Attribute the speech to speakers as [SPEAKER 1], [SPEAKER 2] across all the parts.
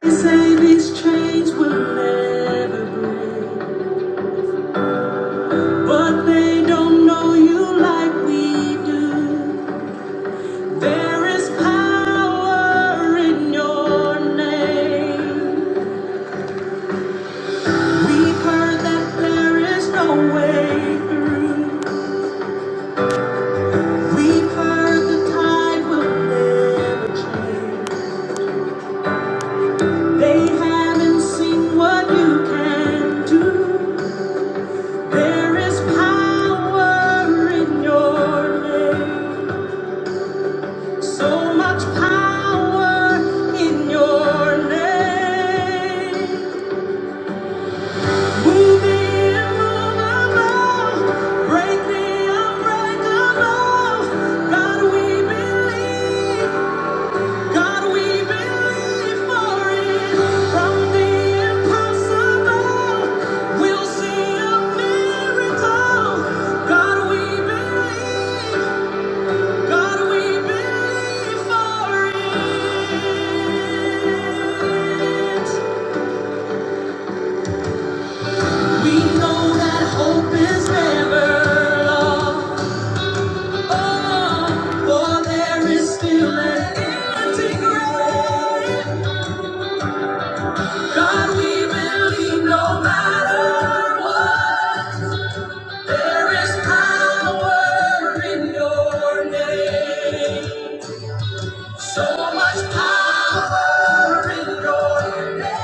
[SPEAKER 1] They say these chains will never break, but they don't know you like we do. There is power in your name. We've heard that there is no way through. We've heard the tide will never change. They haven't seen what you can do. There is power in your name. So much power in your name. Move the immovable, break the unbreakable. God, we believe. God, we believe for it. From the impossible, we'll see a miracle. God, we believe. God, we believe for it. We know that hope is never lost. Oh, for there is still an empty grave. God, we believe no matter what, there is power in your name. So much power in your name.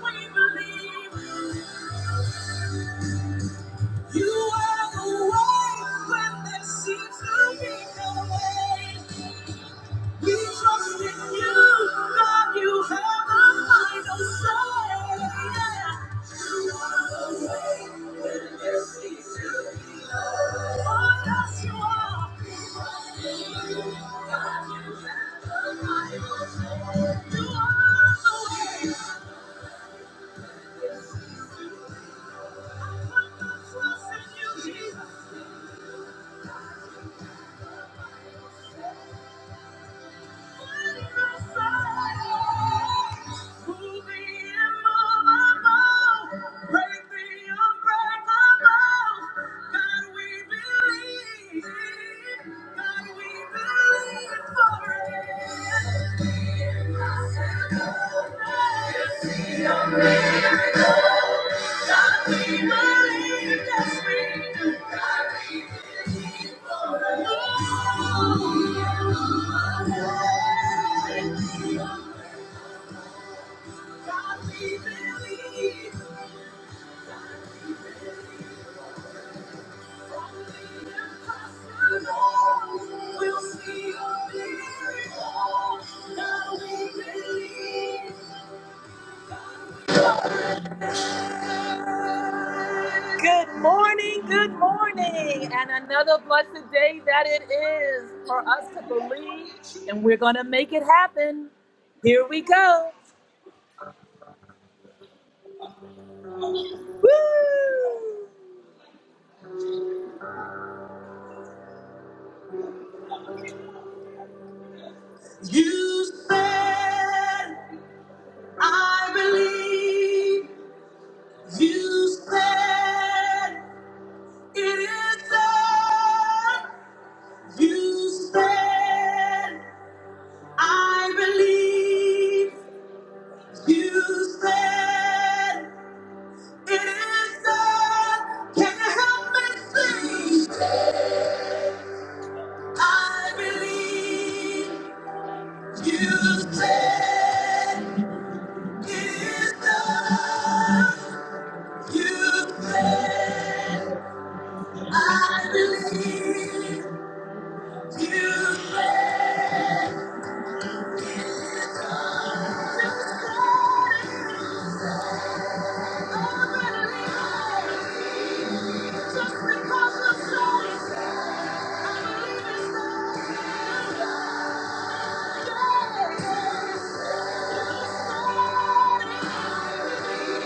[SPEAKER 1] We believe. You are the way when there seems to be no way. We trust in you, God. You have the final say. You are the way when there seems to be no way. Oh, yes, you are. We trust in you, God. You have the final say. You are the way. You, Jesus, are the Messiah. Thank you. Good morning, good morning, and another blessed day that it is for us to believe, and we're going to make it happen. Here we go. Woo! You said, I believe. You said, it is done. You said, I believe. You said it is done. Can you help me see? I believe you said it is done. You said I believe just because you said it. I believe it.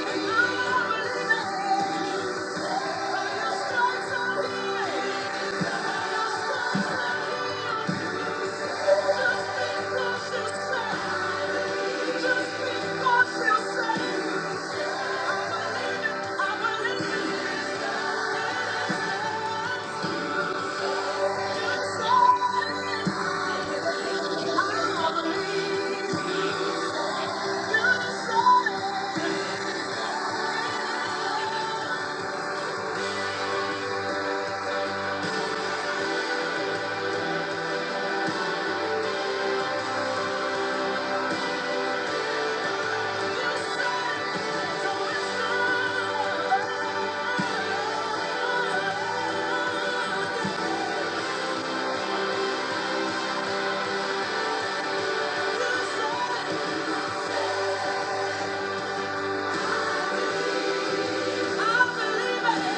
[SPEAKER 1] But your stripes are am healed.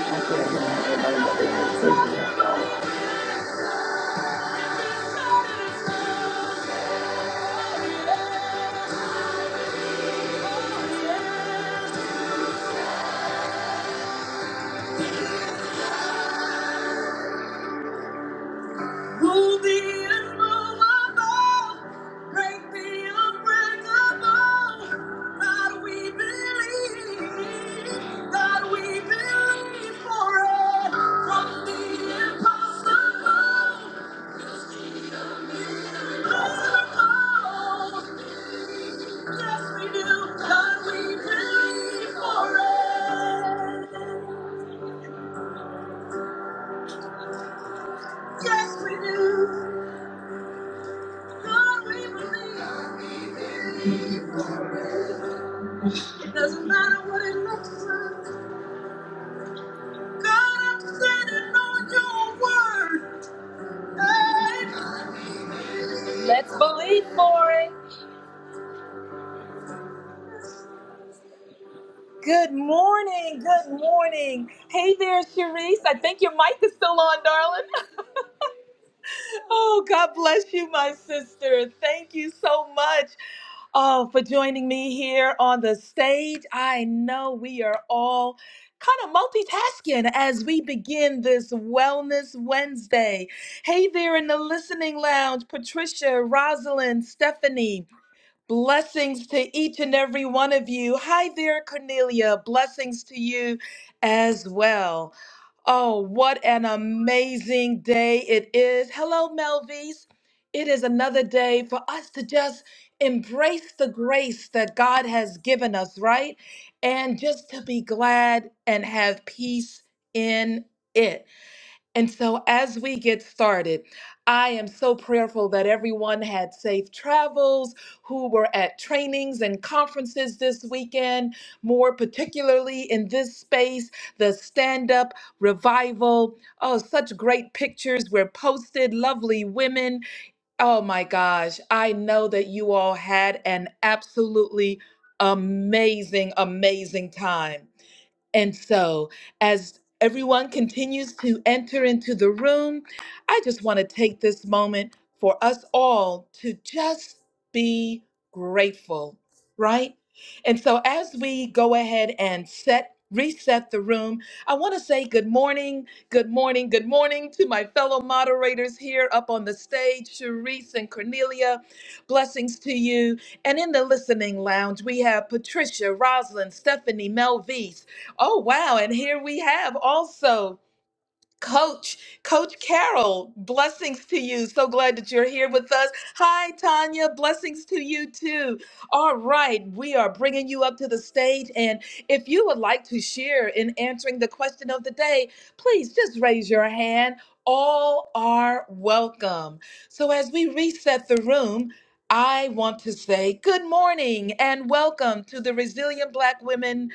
[SPEAKER 2] Okay, everybody got their notifications turned off.
[SPEAKER 1] Ruby and Rubber, break the unbreakable. God, we believe. God, we believe for it. From the impossible. like. Hey. Let's believe for it. Good morning. Good morning. Hey there, Sharice. I think your mic is still on, darling. Oh, God bless you, my sister. Thank you so much. all for joining me here on the stage. I know we are all kind of multitasking as we begin this Wellness Wednesday. Hey there in the listening lounge, Patricia, Rosalind, Stephanie. Blessings to each and every one of you. Hi there, Cornelia. Blessings to you as well. Oh, what an amazing day it is. Hello, Melvies. It is another day for us to just embrace the grace that God has given us, right? And just to be glad and have peace in it. And so, as we get started, I am so prayerful that everyone had safe travels, who were at trainings and conferences this weekend, more particularly in this space, the stand up revival. Oh, such great pictures were posted, lovely women. Oh my gosh, I know that you all had an absolutely amazing, amazing time. And so, as everyone continues to enter into the room, I just want to take this moment for us all to just be grateful, right? And so, as we go ahead and set Reset the room. I want to say good morning, good morning, good morning to my fellow moderators here up on the stage, Sharice and Cornelia. Blessings to you. And in the listening lounge, we have Patricia, Rosalind, Stephanie, Mel V, Oh, wow. And here we have also Coach, Coach Carol. Blessings to you. So glad that you're here with us. Hi, Tanya. Blessings to you too. All right. We are bringing you up to the stage. And if you would like to share in answering the question of the day, please just raise your hand. All are welcome. So as we reset the room, I want to say good morning and welcome to the Resilient Black Women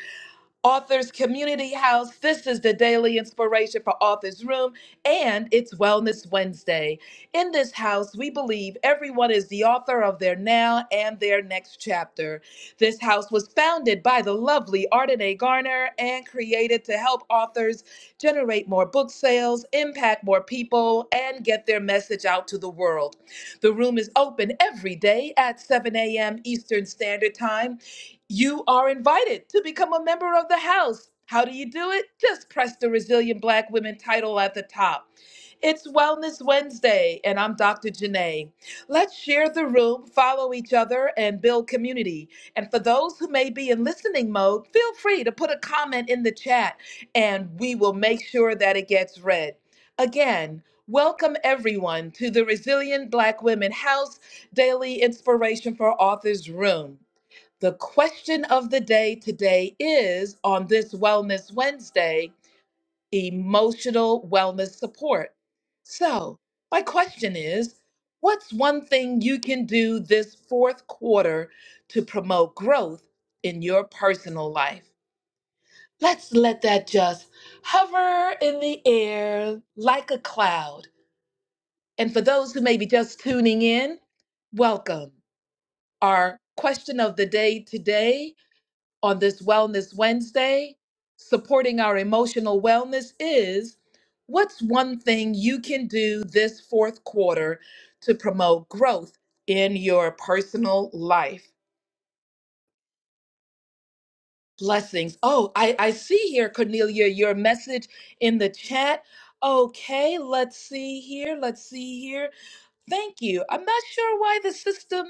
[SPEAKER 1] Authors Community House. This is the daily inspiration for Authors Room, and it's Wellness Wednesday. In this house, we believe everyone is the author of their now and their next chapter. This house was founded by the lovely Ardenae Garner and created to help authors generate more book sales, impact more people, and get their message out to the world. The room is open every day at 7 a.m. Eastern Standard Time you are invited to become a member of the house. How do you do it? Just press the Resilient Black Women title at the top. It's Wellness Wednesday, and I'm Dr. Janae. Let's share the room, follow each other, and build community. And for those who may be in listening mode, feel free to put a comment in the chat, and we will make sure that it gets read. Again, welcome everyone to the Resilient Black Women House Daily Inspiration for Authors Room. The question of the day today is on this Wellness Wednesday emotional wellness support. So, my question is what's one thing you can do this fourth quarter to promote growth in your personal life? Let's let that just hover in the air like a cloud. And for those who may be just tuning in, welcome. Our question of the day today on this Wellness Wednesday, supporting our emotional wellness is what's one thing you can do this fourth quarter to promote growth in your personal life? Blessings. Oh, I, I see here, Cornelia, your message in the chat. Okay, let's see here. Let's see here. Thank you. I'm not sure why the system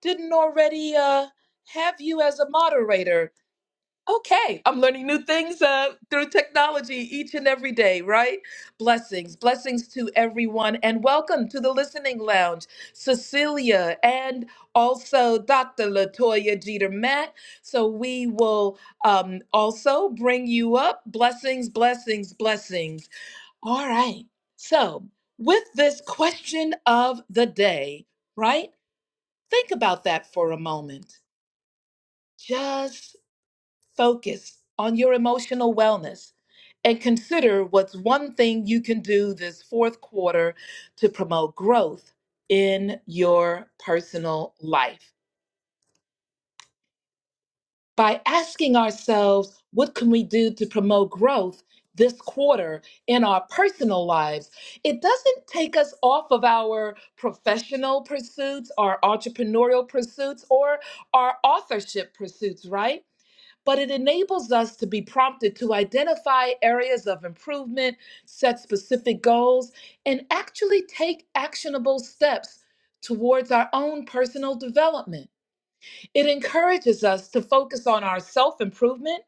[SPEAKER 1] didn't already uh, have you as a moderator, Okay, I'm learning new things uh, through technology each and every day, right? Blessings, blessings to everyone, and welcome to the Listening Lounge, Cecilia, and also Dr. Latoya Jeter Matt. So we will um, also bring you up. Blessings, blessings, blessings. All right. So with this question of the day, right? Think about that for a moment. Just Focus on your emotional wellness and consider what's one thing you can do this fourth quarter to promote growth in your personal life. By asking ourselves, what can we do to promote growth this quarter in our personal lives? It doesn't take us off of our professional pursuits, our entrepreneurial pursuits, or our authorship pursuits, right? but it enables us to be prompted to identify areas of improvement, set specific goals, and actually take actionable steps towards our own personal development. It encourages us to focus on our self improvement,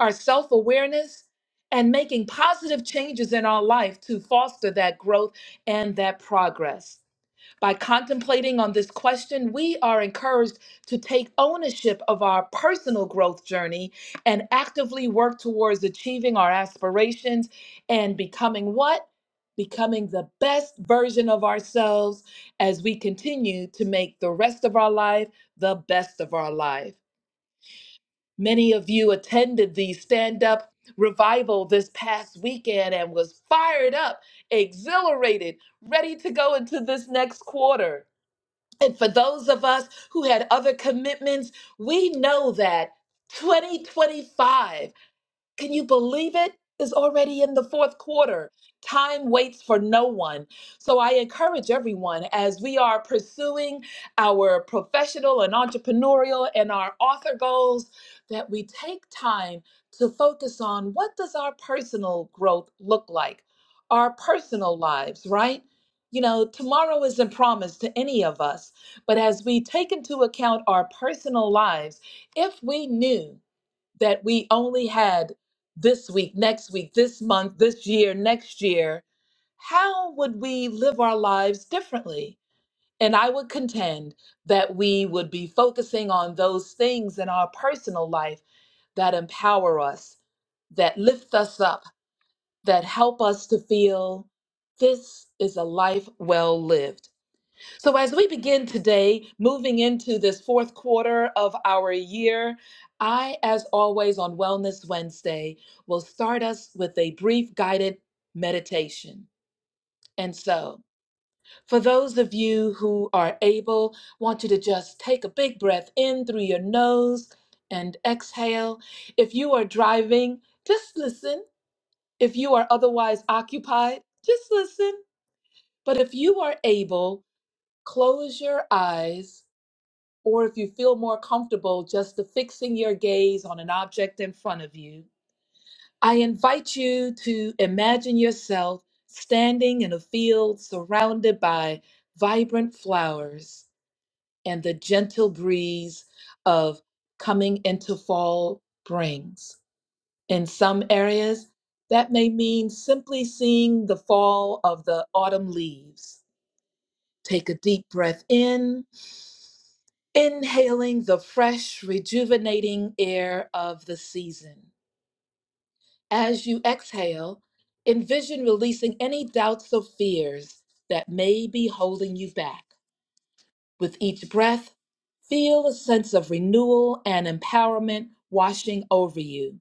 [SPEAKER 1] our self awareness, and making positive changes in our life to foster that growth and that progress. By contemplating on this question, we are encouraged to take ownership of our personal growth journey and actively work towards achieving our aspirations and becoming what? Becoming the best version of ourselves as we continue to make the rest of our life the best of our life. Many of you attended the stand up revival this past weekend and was fired up, exhilarated, ready to go into this next quarter. And for those of us who had other commitments, we know that 2025 can you believe it? It's already in the fourth quarter. Time waits for no one. So I encourage everyone as we are pursuing our professional and entrepreneurial and our author goals that we take time to focus on what does our personal growth look like? Our personal lives, right? You know, tomorrow isn't promised to any of us, but as we take into account our personal lives, if we knew that we only had this week, next week, this month, this year, next year, how would we live our lives differently? And I would contend that we would be focusing on those things in our personal life that empower us, that lift us up, that help us to feel this is a life well lived. So, as we begin today, moving into this fourth quarter of our year, I, as always, on Wellness Wednesday, will start us with a brief guided meditation. And so, for those of you who are able, want you to just take a big breath in through your nose and exhale. If you are driving, just listen. If you are otherwise occupied, just listen. But if you are able, close your eyes or if you feel more comfortable just fixing your gaze on an object in front of you, I invite you to imagine yourself standing in a field surrounded by vibrant flowers and the gentle breeze of coming into fall brings. In some areas, that may mean simply seeing the fall of the autumn leaves. Take a deep breath in inhaling the fresh, rejuvenating air of the season. As you exhale, envision releasing any doubts or fears that may be holding you back. With each breath, feel a sense of renewal and empowerment washing over you,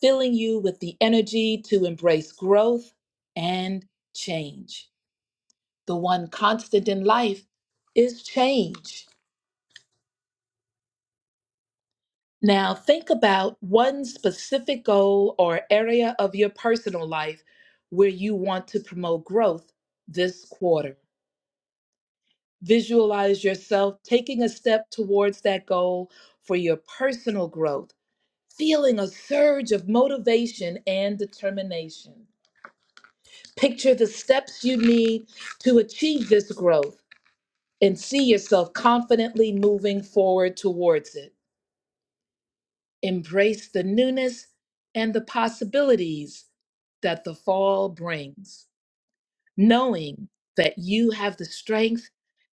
[SPEAKER 1] filling you with the energy to embrace growth and change. The one constant in life is change. Now, think about one specific goal or area of your personal life where you want to promote growth this quarter. Visualize yourself taking a step towards that goal for your personal growth, feeling a surge of motivation and determination. Picture the steps you need to achieve this growth and see yourself confidently moving forward towards it. embrace the newness and the possibilities that the fall brings, knowing that you have the strength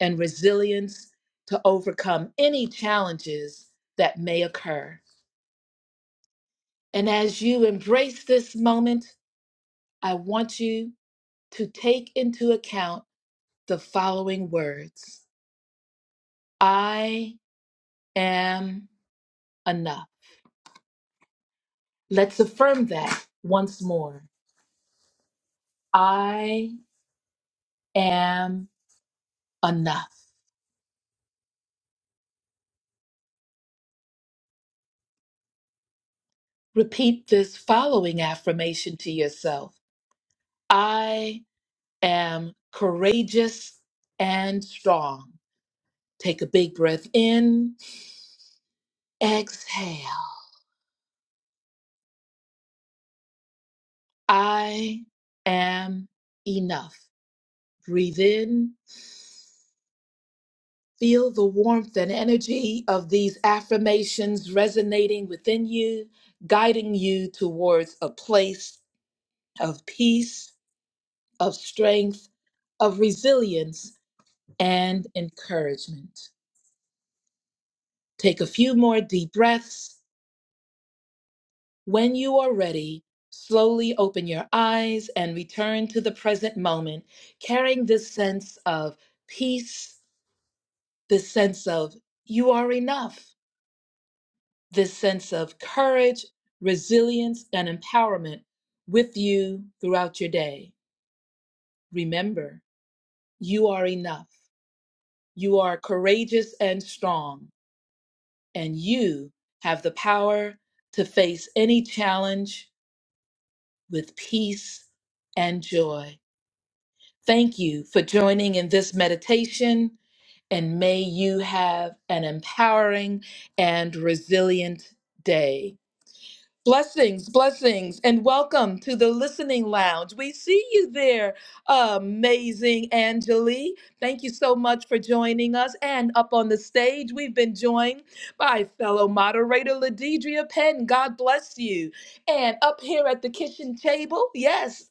[SPEAKER 1] and resilience to overcome any challenges that may occur. And as you embrace this moment, I want you to take into account the following words I am enough. Let's affirm that once more. I am enough. Repeat this following affirmation to yourself I am courageous and strong. Take a big breath in, exhale. I am enough. Breathe in. Feel the warmth and energy of these affirmations resonating within you, guiding you towards a place of peace, of strength, of resilience, and encouragement. Take a few more deep breaths. When you are ready, slowly open your eyes and return to the present moment, carrying this sense of peace, this sense of you are enough, this sense of courage, resilience, and empowerment with you throughout your day. Remember, you are enough. You are courageous and strong, and you have the power to face any challenge with peace and joy. Thank you for joining in this meditation, and may you have an empowering and resilient day. Blessings, blessings, and welcome to the Listening Lounge. We see you there, amazing Angelique. Thank you so much for joining us. And up on the stage, we've been joined by fellow moderator Ladidria Penn. God bless you. And up here at the kitchen table, yes,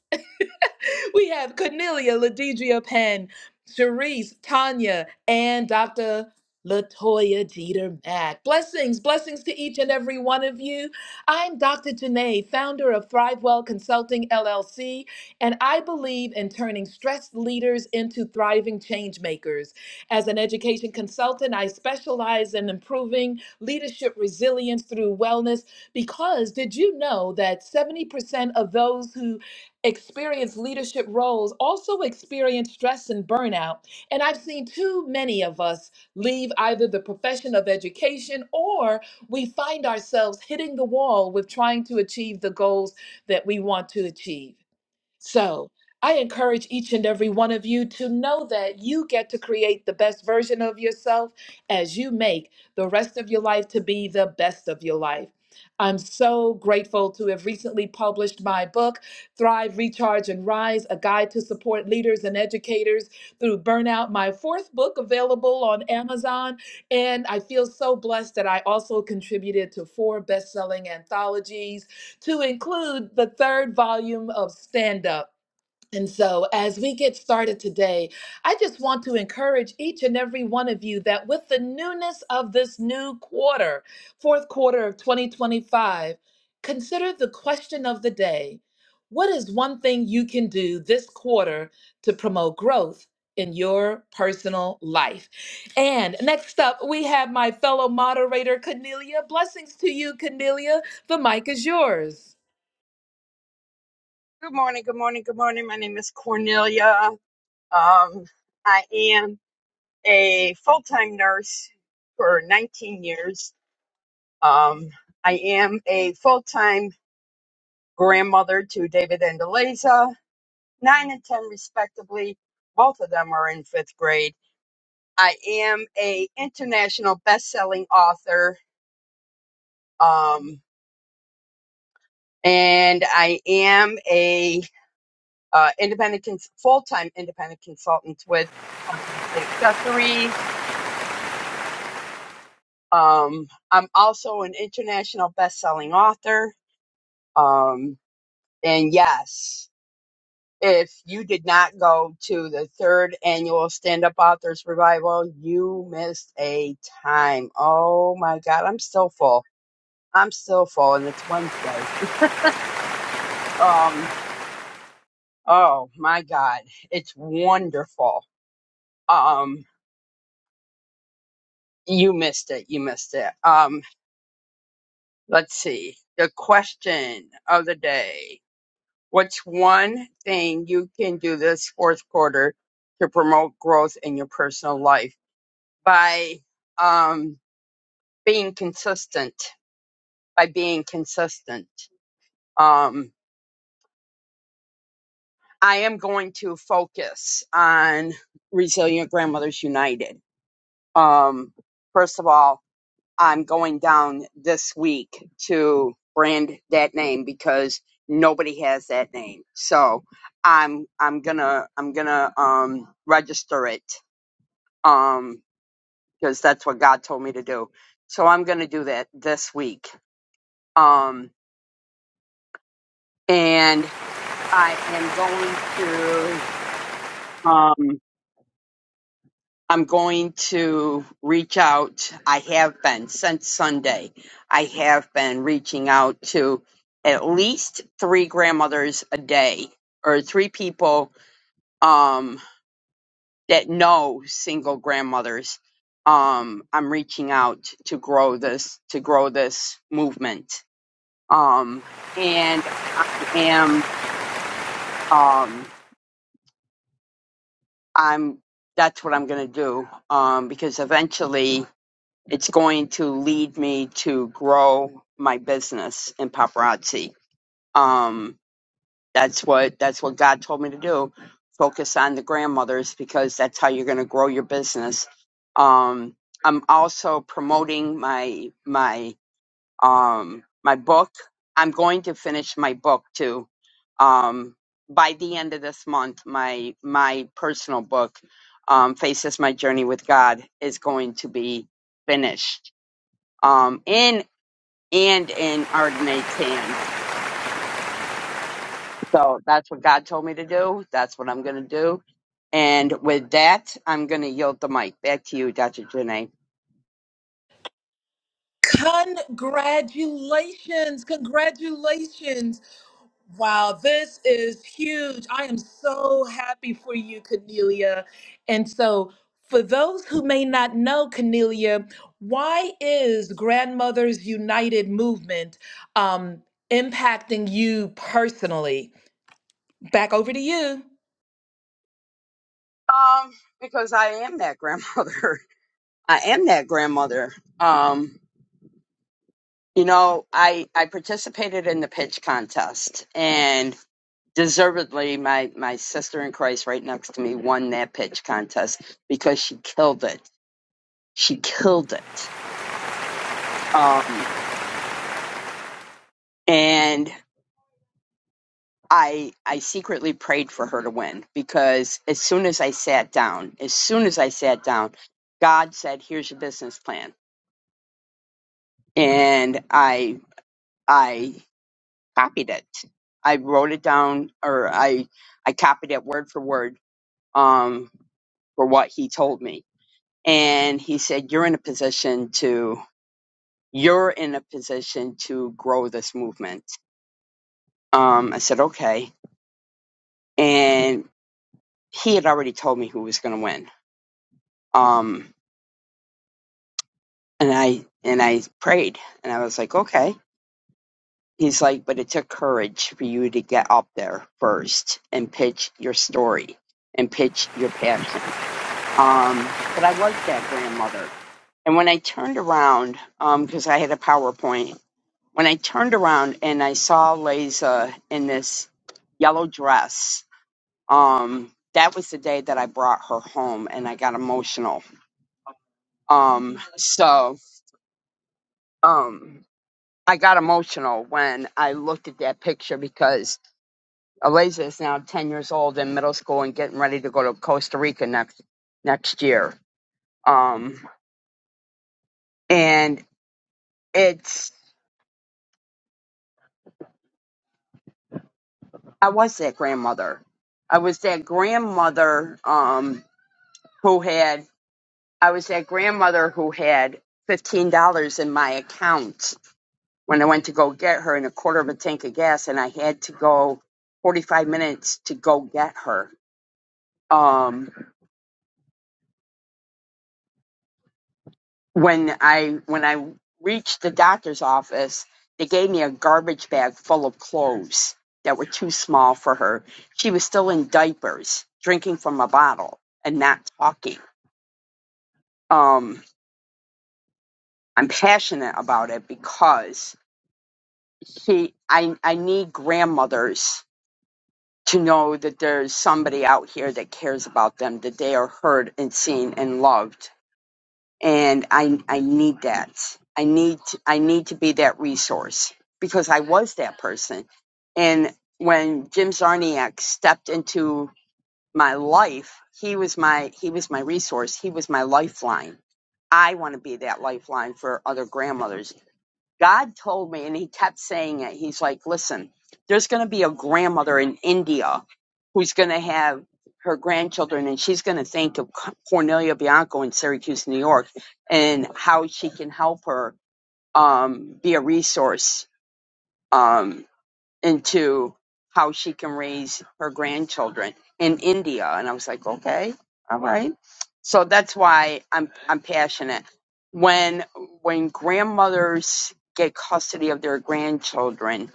[SPEAKER 1] we have Cornelia, Ladidria Penn, Cherise, Tanya, and Dr. Latoya Jeter Mack. Blessings, blessings to each and every one of you. I'm Dr. Janae, founder of Thrivewell Consulting LLC, and I believe in turning stressed leaders into thriving change makers. As an education consultant, I specialize in improving leadership resilience through wellness because did you know that 70% of those who experience leadership roles also experience stress and burnout. And I've seen too many of us leave either the profession of education or we find ourselves hitting the wall with trying to achieve the goals that we want to achieve. So I encourage each and every one of you to know that you get to create the best version of yourself as you make the rest of your life to be the best of your life. I'm so grateful to have recently published my book, Thrive, Recharge, and Rise A Guide to Support Leaders and Educators Through Burnout, my fourth book available on Amazon. And I feel so blessed that I also contributed to four best selling anthologies to include the third volume of Stand Up. And so, as we get started today, I just want to encourage each and every one of you that with the newness of this new quarter, fourth quarter of 2025, consider the question of the day What is one thing you can do this quarter to promote growth? In your personal life. And next up, we have my fellow moderator, Cornelia. Blessings to you, Cornelia. The mic is yours.
[SPEAKER 3] Good morning, good morning, good morning. My name is Cornelia. Um, I am a full time nurse for 19 years. Um, I am a full time grandmother to David and Eliza, 9 and 10 respectively. Both of them are in fifth grade. I am a international best selling author, um, and I am a uh, independent cons- full time independent consultant with um, Accessories Um, I'm also an international best-selling author. Um, and yes, if you did not go to the third annual Stand Up Authors Revival, you missed a time. Oh my God, I'm still full. I'm still full, and it's Wednesday. Um, oh my God, it's wonderful. Um, you missed it. You missed it. Um, let's see. The question of the day What's one thing you can do this fourth quarter to promote growth in your personal life by um, being consistent? By being consistent, um, I am going to focus on Resilient Grandmothers United. Um, first of all. I'm going down this week to brand that name because nobody has that name. So I'm I'm gonna I'm gonna um register it um because that's what God told me to do. So I'm gonna do that this week. Um and I am going to um I'm going to reach out. I have been since Sunday. I have been reaching out to at least three grandmothers a day or three people um, that know single grandmothers. Um, I'm reaching out to grow this to grow this movement. Um, and I am um I'm that's what I'm gonna do um because eventually it's going to lead me to grow my business in paparazzi. Um, that's what that's what God told me to do. Focus on the grandmothers because that's how you're going to grow your business. Um, I'm also promoting my my um, my book. I'm going to finish my book too. Um, by the end of this month, my my personal book, um, Faces My Journey with God, is going to be finished um, in and in Ardenate hand. So that's what God told me to do. That's what I'm going to do. And with that, I'm going to yield the mic back to you, Dr. Janae.
[SPEAKER 1] Congratulations. Congratulations. Wow, this is huge. I am so happy for you, Cornelia. And so, for those who may not know, Cornelia, why is Grandmothers United movement um, impacting you personally? Back over to you.
[SPEAKER 3] Um, because I am that grandmother. I am that grandmother. Um, you know, I I participated in the pitch contest, and deservedly, my my sister in Christ right next to me won that pitch contest because she killed it. She killed it. Um, and I I secretly prayed for her to win because as soon as I sat down, as soon as I sat down, God said, "Here's your business plan," and I I copied it. I wrote it down, or I I copied it word for word um, for what he told me, and he said, "You're in a position to you're in a position to grow this movement." Um, I said, "Okay," and he had already told me who was going to win. Um, and I and I prayed and I was like, okay. He's like, but it took courage for you to get up there first and pitch your story and pitch your passion. Um, but I was that grandmother. And when I turned around, um, because I had a PowerPoint, when I turned around and I saw Liza in this yellow dress, um, that was the day that I brought her home and I got emotional. Um, so, um, I got emotional when I looked at that picture because Eliza is now 10 years old in middle school and getting ready to go to Costa Rica next next year. Um, and it's I was that grandmother. I was that grandmother um, who had I was that grandmother who had fifteen dollars in my account when I went to go get her and a quarter of a tank of gas, and I had to go forty five minutes to go get her. Um, when I when I reached the doctor's office, they gave me a garbage bag full of clothes that were too small for her. She was still in diapers, drinking from a bottle and not talking. Um, I'm passionate about it because she I I need grandmothers to know that there's somebody out here that cares about them, that they are heard and seen and loved and I I need that. I need to, I need to be that resource because I was that person. And when Jim Zarniak stepped into my life, he was my he was my resource. He was my lifeline. I want to be that lifeline for other grandmothers God told me, and he kept saying it. He's like, listen, there's going to be a grandmother in India who's going to have her grandchildren, and she's going to think of Cornelia Bianco in Syracuse, New York, and how she can help her um, be a resource. Um, into how she can raise her grandchildren in India. And I was like, okay, all right. So that's why I'm I'm passionate. When when grandmothers get custody of their grandchildren,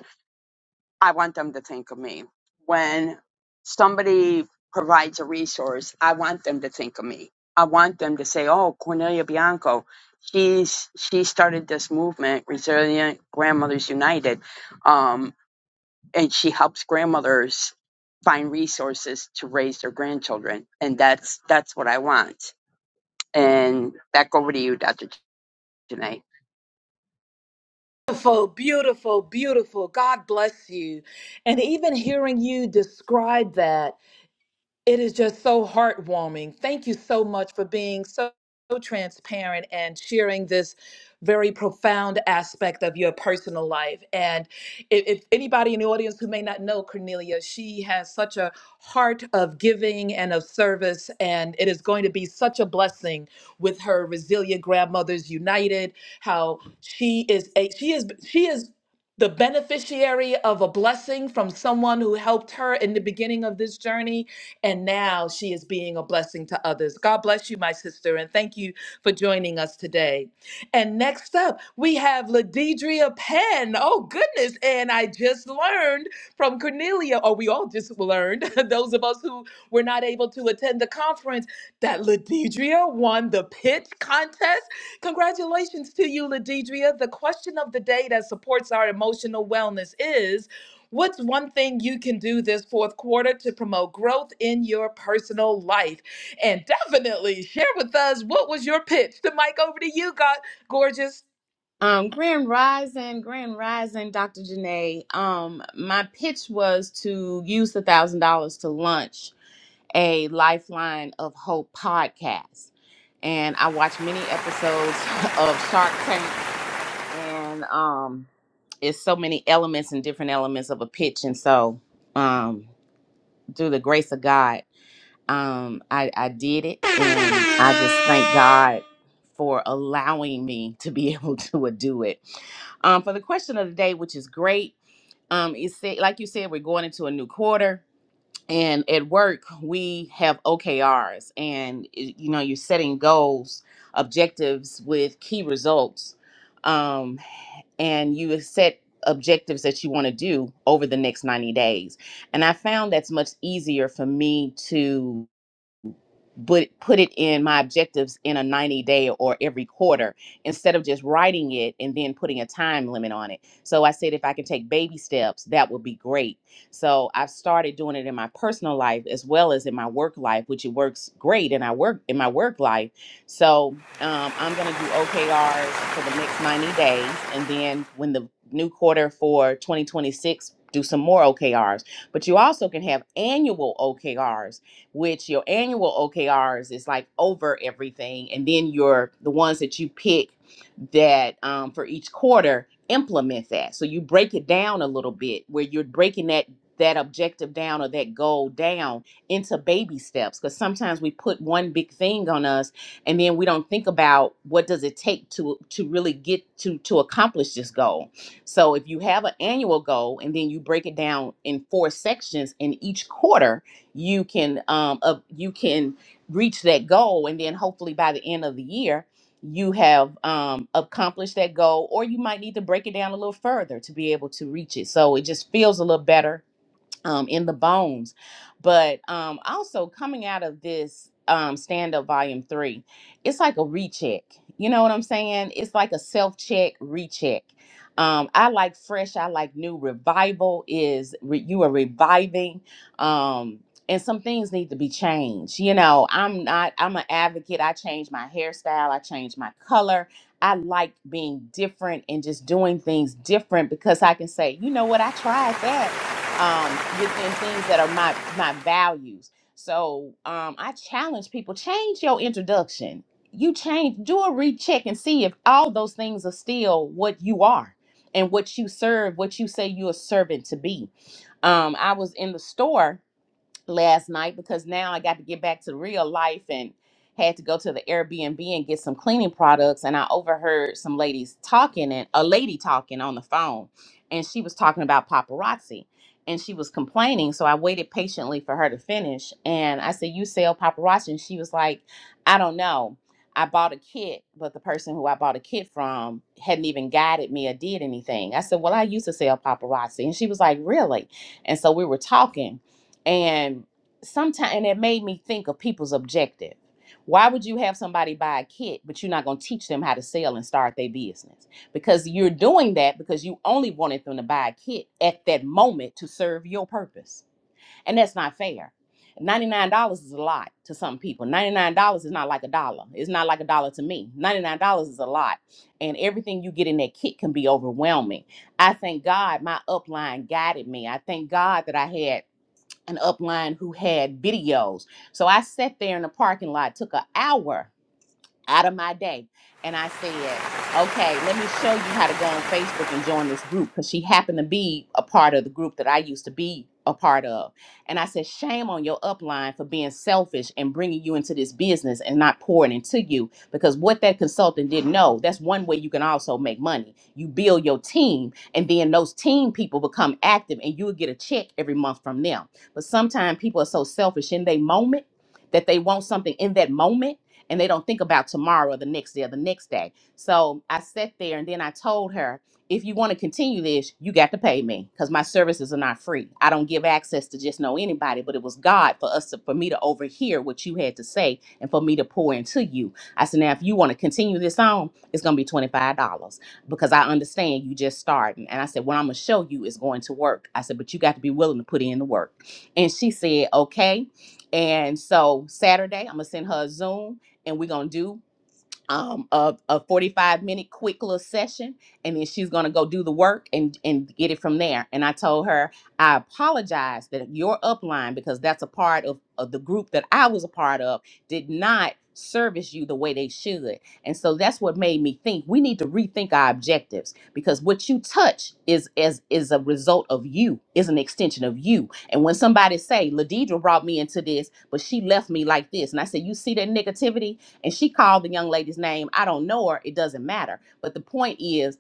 [SPEAKER 3] I want them to think of me. When somebody provides a resource, I want them to think of me. I want them to say, "Oh, Cornelia Bianco, she's she started this movement, Resilient Grandmothers United." Um, and she helps grandmothers find resources to raise their grandchildren and that's that's what i want and back over to you dr janae
[SPEAKER 1] Beautiful, beautiful, beautiful. God bless you. And even hearing you describe that. It is just so heartwarming. Thank you so much for being so transparent and sharing this very profound aspect of your personal life. And if, if anybody in the audience who may not know Cornelia, she has such a heart of giving and of service, and it is going to be such a blessing with her resilient grandmothers united. How she is a she is she is the beneficiary of a blessing from someone who helped her in the beginning of this journey and now she is being a blessing to others. God bless you, my sister, and thank you for joining us today. And next up, we have Ladidria Penn. Oh, goodness. And I just learned from Cornelia, or we all just learned, those of us who were not able to attend the conference, that Ladidria won the pitch contest. Congratulations to you, Ladidria. The question of the day that supports our emotional wellness is What's one thing you can do this fourth quarter to promote growth in your personal life? And definitely share with us what was your pitch. The mic over to you, God, gorgeous.
[SPEAKER 4] Um, Grand Rising, Grand Rising, Dr. Janae. Um, my pitch was to use the thousand dollars to launch a Lifeline of Hope podcast, and I watched many episodes of Shark Tank, and um, it's so many elements and different elements of a pitch, and so um, through the grace of God um I, I did it and I just thank God for allowing me to be able to do it. Um for the question of the day, which is great. Um it said like you said, we're going into a new quarter and at work we have OKRs and it- you know you're setting goals, objectives with key results. Um and you set objectives that you want to do over the next 90 days. And I found that's much easier for me to but put it in my objectives in a 90 day or every quarter instead of just writing it and then putting a time limit on it. So I said if I can take baby steps, that would be great. So I've started doing it in my personal life as well as in my work life, which it works great and I work in my work life. So um, I'm going to do OKRs for the next 90 days. And then when the new quarter for 2026, do some more OKRs. But you also can have annual OKRs which your annual OKRs is like over everything, and then your the ones that you pick that um, for each quarter implement that. So you break it down a little bit where you're breaking that that objective down or that goal down into baby steps because sometimes we put one big thing on us and then we don't think about what does it take to to really get to to accomplish this goal so if you have an annual goal and then you break it down in four sections in each quarter you can um up, you can reach that goal and then hopefully by the end of the year you have um accomplished that goal or you might need to break it down a little further to be able to reach it so it just feels a little better um, in the bones. But um, also coming out of this um, stand up volume three, it's like a recheck. You know what I'm saying? It's like a self check, recheck. Um, I like fresh. I like new. Revival is re- you are reviving, um, and some things need to be changed. You know, I'm not. I'm an advocate. I change my hairstyle. I change my color. I like being different and just doing things different because I can say, you know what, I tried that um, within things that are my my values. So um, I challenge people: change your introduction. You change, do a recheck, and see if all those things are still what you are and what you serve, what you say you're a servant to be. Um, I was in the store last night because now I got to get back to real life and had to go to the Airbnb and get some cleaning products. And I overheard some ladies talking and a lady talking on the phone. And she was talking about paparazzi and she was complaining. So I waited patiently for her to finish. And I said, You sell paparazzi? And she was like, I don't know. I bought a kit, but the person who I bought a kit from hadn't even guided me or did anything. I said, Well, I used to sell paparazzi. And she was like, Really? And so we were talking and sometimes and it made me think of people's objective why would you have somebody buy a kit but you're not going to teach them how to sell and start their business because you're doing that because you only wanted them to buy a kit at that moment to serve your purpose and that's not fair $99 is a lot to some people. $99 is not like a dollar. It's not like a dollar to me. $99 is a lot. And everything you get in that kit can be overwhelming. I thank God my upline guided me. I thank God that I had an upline who had videos. So I sat there in the parking lot, took an hour out of my day. And I said, okay, let me show you how to go on Facebook and join this group because she happened to be a part of the group that I used to be a part of. And I said, shame on your upline for being selfish and bringing you into this business and not pouring into you because what that consultant didn't know, that's one way you can also make money. You build your team and then those team people become active and you'll get a check every month from them. But sometimes people are so selfish in their moment that they want something in that moment and they don't think about tomorrow or the next day or the next day. So I sat there and then I told her, if you want to continue this, you got to pay me because my services are not free. I don't give access to just know anybody, but it was God for us to, for me to overhear what you had to say and for me to pour into you. I said, now if you want to continue this on, it's gonna be twenty five dollars because I understand you just starting. And I said, what I'm gonna show you is going to work. I said, but you got to be willing to put in the work. And she said, okay. And so Saturday, I'm gonna send her a Zoom and we're gonna do um a, a 45 minute quick little session and then she's gonna go do the work and and get it from there and i told her i apologize that your upline because that's a part of, of the group that i was a part of did not service you the way they should and so that's what made me think we need to rethink our objectives because what you touch is as is, a result of you is an extension of you and when somebody say ladidra brought me into this but she left me like this and i said you see that negativity and she called the young lady's name. I don't know her. It doesn't matter. But the point is,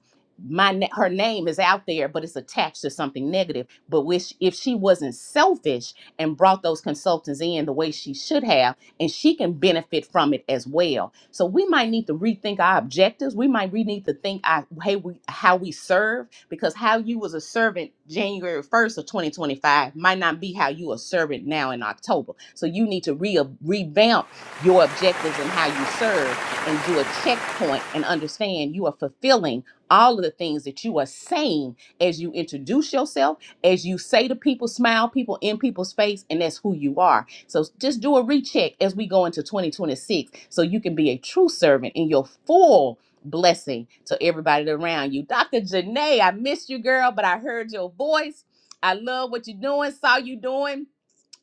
[SPEAKER 4] my na- her name is out there, but it's attached to something negative. But which, if she wasn't selfish and brought those consultants in the way she should have, and she can benefit from it as well. So we might need to rethink our objectives. We might re- need to think our, hey, we, how we serve because how you was a servant January 1st of 2025 might not be how you a servant now in October. So you need to re- revamp your objectives and how you serve and do a checkpoint and understand you are fulfilling all of the things that you are saying as you introduce yourself, as you say to people, smile people in people's face, and that's who you are. So just do a recheck as we go into 2026 so you can be a true servant in your full blessing to everybody around you. Dr. Janae, I missed you, girl, but I heard your voice. I love what you're doing, saw you doing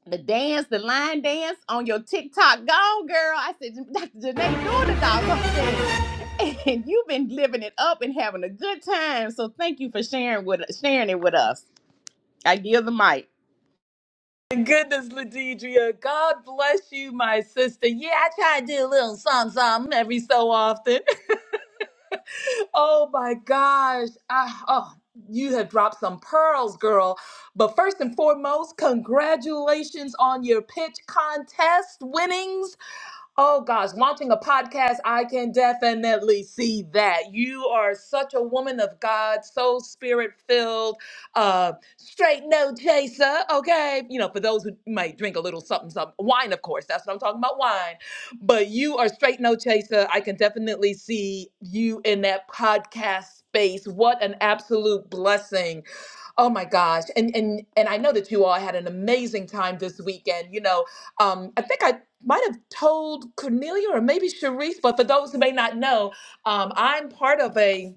[SPEAKER 4] the dance, the line dance on your TikTok. Gone, girl. I said, Dr. Janae, doing the doggone thing. And you've been living it up and having a good time. So thank you for sharing with sharing it with us. I give the mic.
[SPEAKER 1] Thank Goodness, Ladidria. God bless you, my sister. Yeah, I try to do a little something, something every so often. oh my gosh. I, oh, you have dropped some pearls, girl. But first and foremost, congratulations on your pitch contest winnings. Oh gosh, launching a podcast, I can definitely see that. You are such a woman of God, so spirit filled, uh, straight no chaser, okay? You know, for those who might drink a little something, something, wine, of course, that's what I'm talking about, wine. But you are straight no chaser. I can definitely see you in that podcast space. What an absolute blessing. Oh my gosh. And and and I know that you all had an amazing time this weekend. You know, um, I think I might have told Cornelia or maybe Sharice, but for those who may not know, um, I'm part of a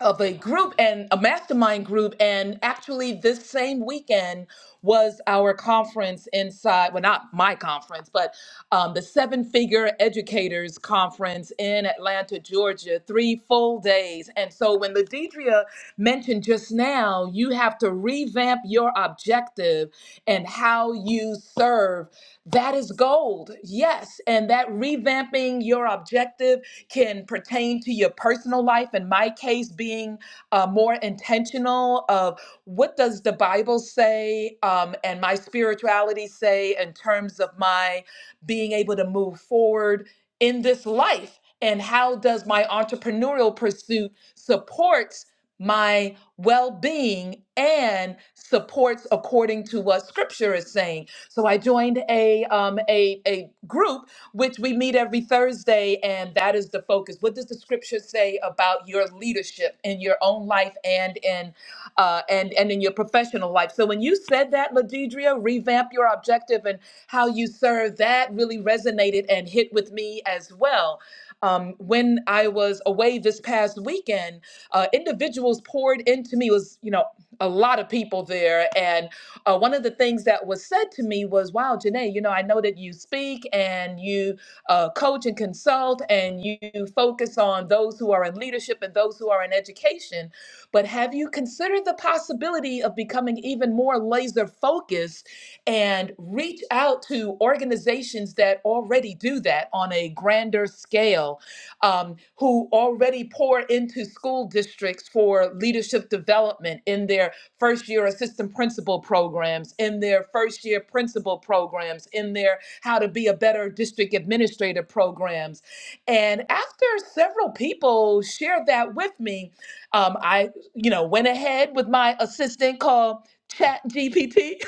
[SPEAKER 1] of a group and a mastermind group, and actually this same weekend was our conference inside. Well, not my conference, but um, the Seven Figure Educators Conference in Atlanta, Georgia, three full days. And so when Ladidria mentioned just now, you have to revamp your objective and how you serve that is gold, yes. And that revamping your objective can pertain to your personal life. In my case, being uh, more intentional of what does the Bible say um, and my spirituality say in terms of my being able to move forward in this life, and how does my entrepreneurial pursuit supports my well-being and supports according to what scripture is saying so I joined a um, a a group which we meet every Thursday, and that is the focus. What does the scripture say about your leadership in your own life and in uh, and and in your professional life? So when you said that, Ladidria, revamp your objective and how you serve. That really resonated and hit with me as well. Um, when I was away this past weekend, uh, individuals poured into me. It was you know a lot of people there, and uh, one of the things that was said to me was, "Wow, Janae, you know, I know that you speak and you uh, coach and consult and you focus on those who are in leadership and those who are in education, but have you considered the possibility of becoming even more laser focused and reach out to organizations that already do that on a grander scale, um, who already pour into school districts for leadership development in their first year assistant principal programs, in their first year principal programs, in their how to be a better district administrator programs. And after several people shared that with me, um, I, you know, went ahead with my assistant called Chat GPT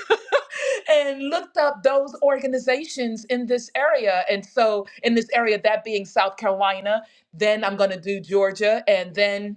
[SPEAKER 1] and looked up those organizations in this area. And so, in this area, that being South Carolina, then I'm going to do Georgia, and then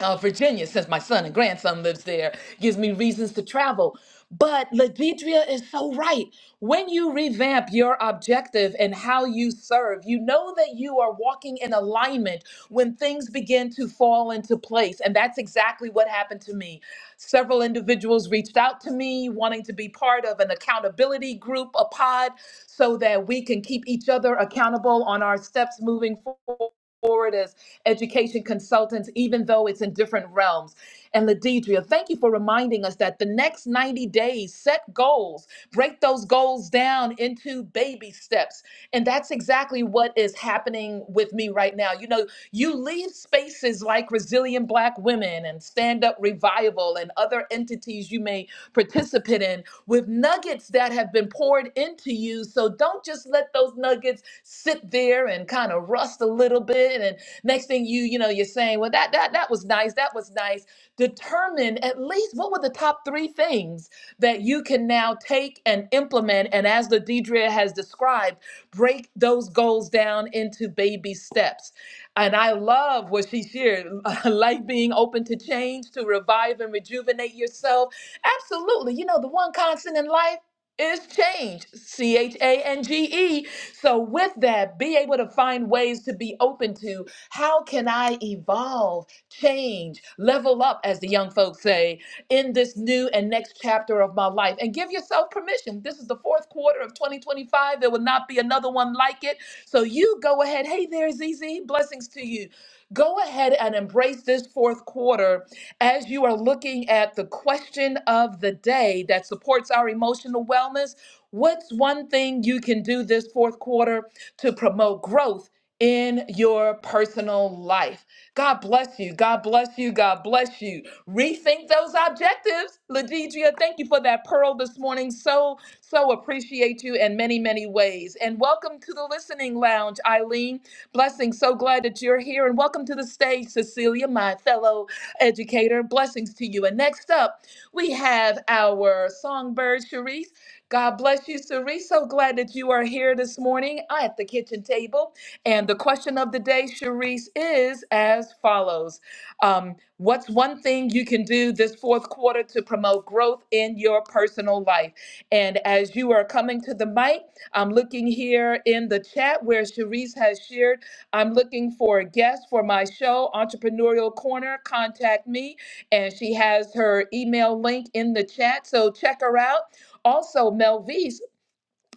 [SPEAKER 1] uh, Virginia, since my son and grandson lives there, gives me reasons to travel. But Ladidria is so right. When you revamp your objective and how you serve, you know that you are walking in alignment when things begin to fall into place. And that's exactly what happened to me. Several individuals reached out to me wanting to be part of an accountability group, a pod, so that we can keep each other accountable on our steps moving forward. as education consultants, even though it's in different realms. And Ladidria, thank you for reminding us that the next 90 days, set goals, break those goals down into baby steps. And that's exactly what is happening with me right now. You know, you leave spaces like Resilient Black Women and Stand Up Revival and other entities you may participant in with nuggets that have been poured into you. So don't just let those nuggets sit there and kind of rust a little bit. And next thing you, you know, you're saying, well, that that that was nice, that was nice. Determine at least what were the top three things that you can now take and implement. And as the Deidre has described, break those goals down into baby steps. And I love what she shared, like being open to change, to revive and rejuvenate yourself Absolutely. You know, the one constant in life is change, C H A N G E. So, with that, be able to find ways to be open to how can I evolve, change, level up, as the young folks say, in this new and next chapter of my life. And give yourself permission. This is the fourth quarter of 2025. There will not be another one like it. So, you go ahead. Hey there, Z Z. Blessings to you. Go ahead and embrace this fourth quarter as you are looking at the question of the day that supports our emotional wellness, what's one thing you can do this fourth quarter to promote growth in your personal life? God bless you. God bless you. God bless you. Rethink those objectives. Ladidria, thank you for that pearl this morning. So, so appreciate you in many, many ways. And welcome to the listening lounge, Eileen. Blessing. So glad that you're here. And welcome to the stage, Cecilia, my fellow educator. Blessings to you. And next up, we have our songbird, Cherise. God bless you, Cherise. So glad that you are here this morning at the kitchen table. And the question of the day, Cherise, is as follows um, What's one thing you can do this fourth quarter to promote growth in your personal life? And as you are coming to the mic, I'm looking here in the chat where Cherise has shared. I'm looking for a guest for my show, Entrepreneurial Corner. Contact me. And she has her email link in the chat. So check her out. Also, Melvise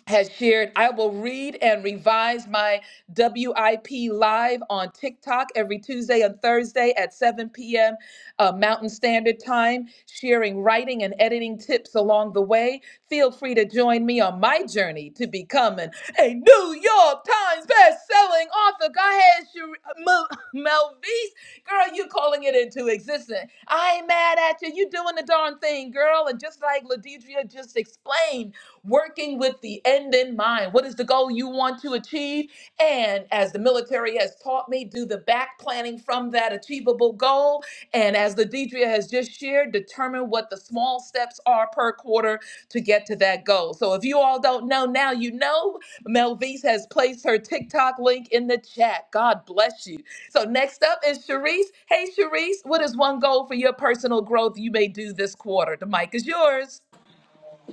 [SPEAKER 1] has shared, I will read and revise my WIP live on TikTok every Tuesday and Thursday at 7 p.m. uh, Mountain Standard Time, sharing writing and editing tips along the way. Feel free to join me on my journey to becoming a New York Times best-selling author. Go ahead, Sher- Mel- Melvise. Girl, you calling it into existence. I ain't mad at you. You doing the darn thing, girl. And just like Ladidria just explained, working with the end in mind. What is the goal you want to achieve? And as the military has taught me, do the back planning from that achievable goal. And as the Deidre has just shared, determine what the small steps are per quarter to get to that goal. So if you all don't know now, you know Melvise has placed her TikTok link in the chat. God bless you. So next up is Sharice. Hey Sharice, what is one goal for your personal growth you may do this quarter? The mic is yours.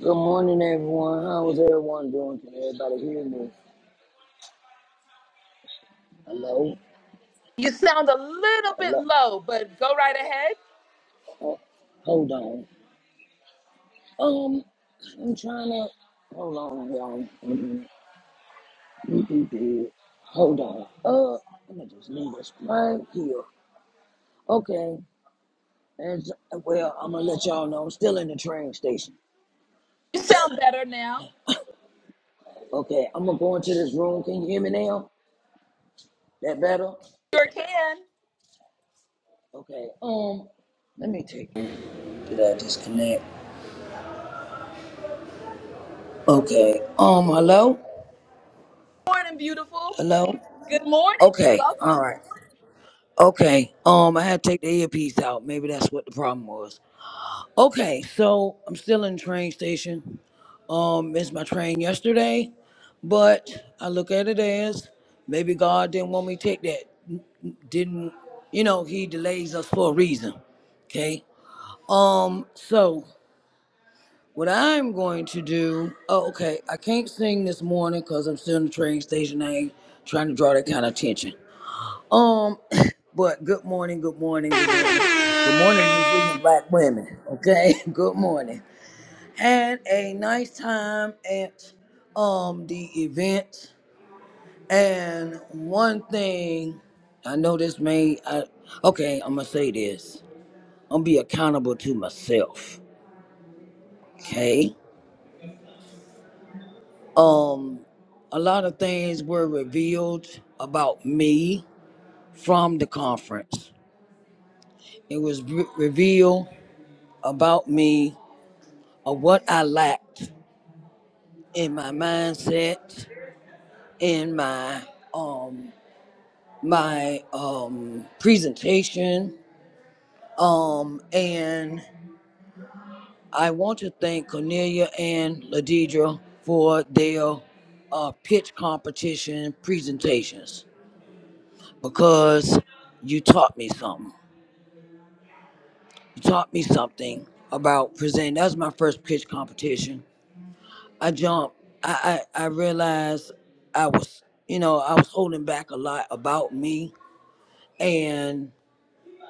[SPEAKER 2] Good morning, everyone. How is everyone doing? Can everybody hear me? Hello?
[SPEAKER 1] You sound a little bit
[SPEAKER 2] Hello?
[SPEAKER 1] low, but go right ahead.
[SPEAKER 2] Oh, hold on. Um, I'm trying to. Hold on, y'all. Mm-mm. Mm-mm, dude. Hold on. Uh, I'm gonna just leave this right here. Okay. As, well, I'm gonna let y'all know I'm still in the train station.
[SPEAKER 1] You sound better now.
[SPEAKER 2] Okay, I'm gonna go into this room. Can you hear me now? That better?
[SPEAKER 1] Sure can.
[SPEAKER 2] Okay. Um, let me take. Did I disconnect? Okay. Um, hello?
[SPEAKER 1] Morning, beautiful.
[SPEAKER 2] Hello?
[SPEAKER 1] Good morning.
[SPEAKER 2] Okay. All
[SPEAKER 1] Welcome.
[SPEAKER 2] right. Okay. Um, I had to take the earpiece out. Maybe that's what the problem was. Okay, so I'm still in the train station. Um, missed my train yesterday, but I look at it as maybe God didn't want me to take that. Didn't you know, he delays us for a reason. Okay. Um, so What I'm going to do, oh, okay, I can't sing this morning because I'm still in the train station. I ain't trying to draw that kind of attention. Um, but good morning, good morning, good morning. Good morning, resilient black women. Okay, good morning. Had a nice time at um the event. And one thing I know this may I okay, I'm gonna say this. I'm gonna be accountable to myself. Okay. Um, a lot of things were revealed about me from the conference. It was re- revealed about me of what I lacked in my mindset, in my um my um presentation. Um, and I want to thank Cornelia and Ladidra for their uh, pitch competition presentations because you taught me something. taught me something about presenting. That was my first pitch competition. I jumped. I, I, I realized I was, you know, I was holding back a lot about me and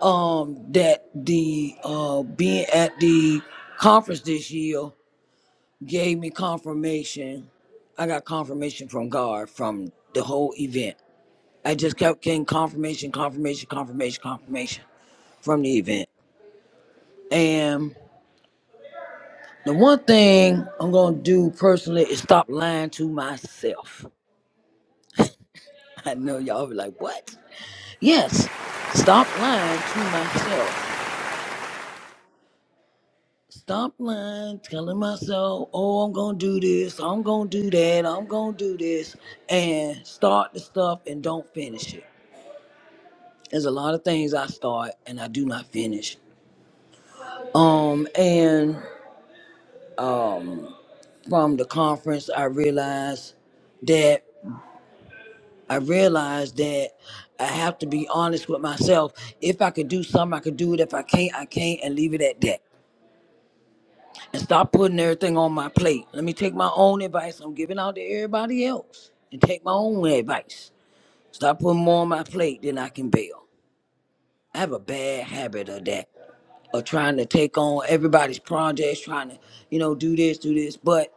[SPEAKER 2] um that the uh being at the conference this year gave me confirmation. I got confirmation from God from the whole event. I just kept getting confirmation, confirmation, confirmation, confirmation from the event. And The one thing I'm gonna do personally is stop lying to myself. I know y'all be like, what? Yes, stop lying to myself. Stop lying, telling myself, oh, I'm gonna do this, I'm gonna do that, I'm gonna do this, and start the stuff and don't finish it. There's a lot of things I start and I do not finish. Um, and from the conference, I realized that I realized that I have to be honest with myself. If I could do something, I could do it. If I can't, I can't, and leave it at that. And stop putting everything on my plate. Let me take my own advice I'm giving out to everybody else and take my own advice. Stop putting more on my plate than I can bear. I have a bad habit of that, of trying to take on everybody's projects, trying to, you know, do this, do this. But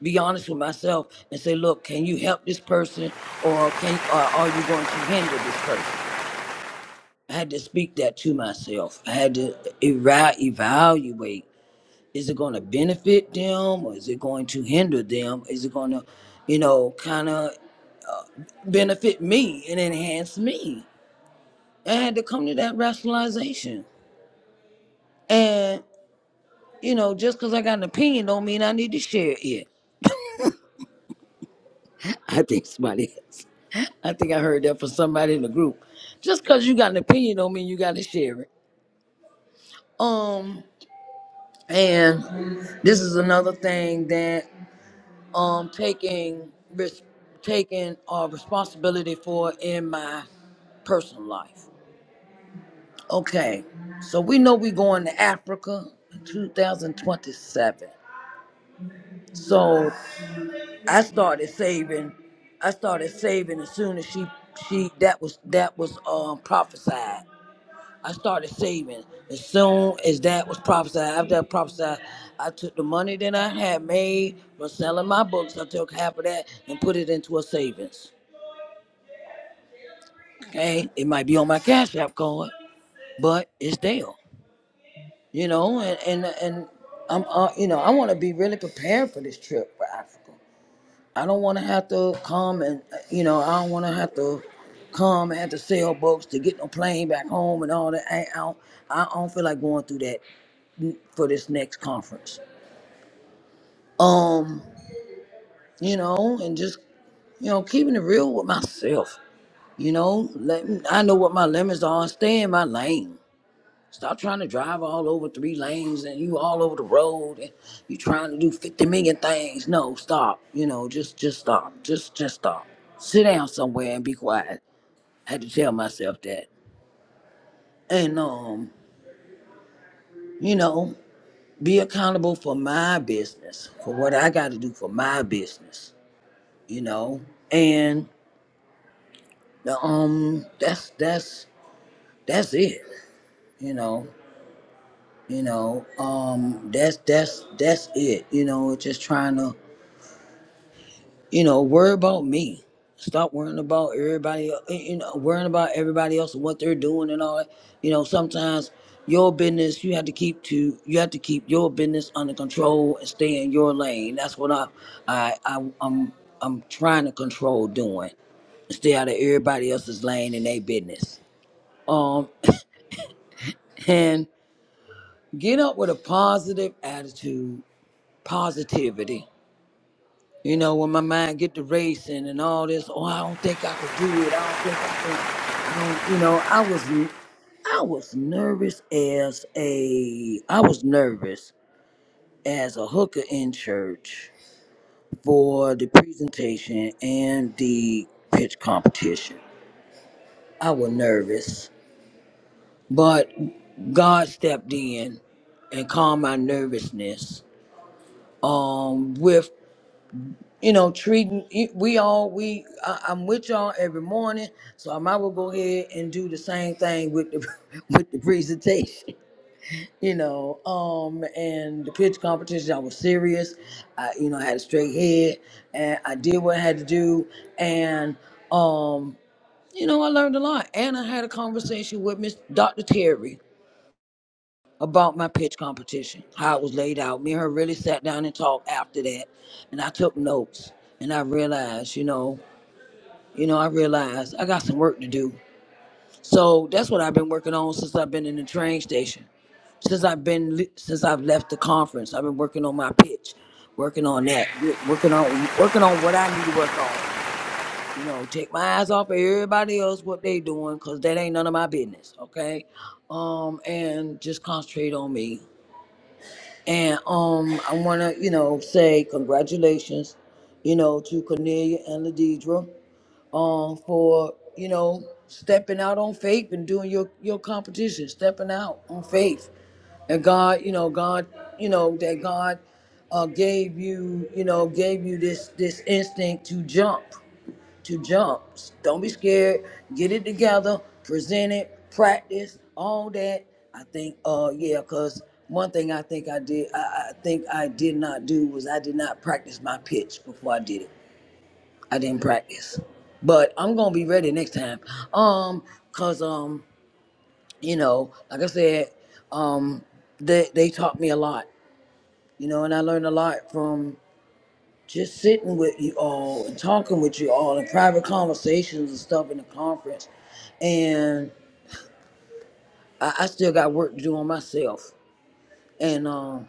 [SPEAKER 2] be honest with myself and say, look, can you help this person or can or are you going to hinder this person? I had to speak that to myself. I had to eva- evaluate: is it going to benefit them, or is it going to hinder them? Is it going to, you know, kind of benefit me and enhance me? I had to come to that rationalization. And you know, just because I got an opinion, don't mean I need to share it. I think somebody else. I think I heard that from somebody in the group. Just because you got an opinion, don't mean you got to share it. Um, and this is another thing that um taking risk taking uh, responsibility for in my personal life. Okay, so we know we're going to Africa in 2027. So I started saving. I started saving as soon as she she that was that was um prophesied. I started saving as soon as that was prophesied. After that prophesied, I took the money that I had made from selling my books. I took half of that and put it into a savings. Okay, it might be on my Cash App card, but it's there. You know, and and and I'm uh, you know I want to be really prepared for this trip for Africa. I don't want to have to come and uh, you know I don't want to have to come and have to sell books to get no plane back home and all that. I, I don't I don't feel like going through that for this next conference. Um, you know, and just you know keeping it real with myself. You know, let me, I know what my limits are. Stay in my lane Stop trying to drive all over three lanes and you all over the road and you trying to do 50 million things. No, stop. You know, just just stop. Just just stop. Sit down somewhere and be quiet. I had to tell myself that. And um, you know, be accountable for my business, for what I gotta do for my business, you know. And um that's that's that's it, you know. You know, um that's that's that's it. You know, just trying to You know, worry about me. Stop worrying about everybody. el- eh, You know, worrying about everybody else and what they're doing and all that. You know, sometimes your business you have to keep to you have to keep your business under control and stay in your lane. That's what I, I, I I'm I'm trying to control doing. Stay out of everybody else's lane and their business. Um, and get up with a positive attitude, positivity. You know, when my mind get to racing and all this, oh, I don't think I could do it. I don't think I can. I don't. You know, I was, n- I was nervous as a, I was nervous as a hooker in church for the presentation and the pitch competition. I was nervous, but God stepped in and calmed my nervousness. Um, with you know, treating it- we all we I, I'm with y'all every morning, so I might well go ahead and do the same thing with the with the presentation. You know, um, and the pitch competition, I was serious. I, you know, I had a straight head, and I did what I had to do, and um, you know, I learned a lot, and I had a conversation with Miss Dr. Terry about my pitch competition, how it was laid out. Me and her really sat down and talked after that, and I took notes, and I realized, you know. You know, I realized I got some work to do. So that's what I've been working on since I've been in the train station. Since I've been since I've left the conference, I've been working on my pitch, working on that, get- working on working on what I need to work on. You know, take my eyes off of everybody else what they doing, cause that ain't none of my business. Okay, um, and just concentrate on me. And um, I wanna you know say congratulations, you know, to Cornelia and Ladidra um, for you know stepping out on faith and doing your your competition, stepping out on faith. And God, you know, God, you know that God uh, gave you, you know, gave you this this instinct to jump, to jump. Don't be scared. Get it together. Present it. Practice all that. I think, uh, yeah, cause one thing I think I did, I, I think I did not do was I did not practice my pitch before I did it. I didn't practice, but I'm gonna be ready next time. Um, cause um, you know, like I said, um, they they taught me a lot, you know, and I learned a lot from just sitting with you all and talking with you all in private conversations and stuff in the conference, and I, I still got work to do on myself, and um,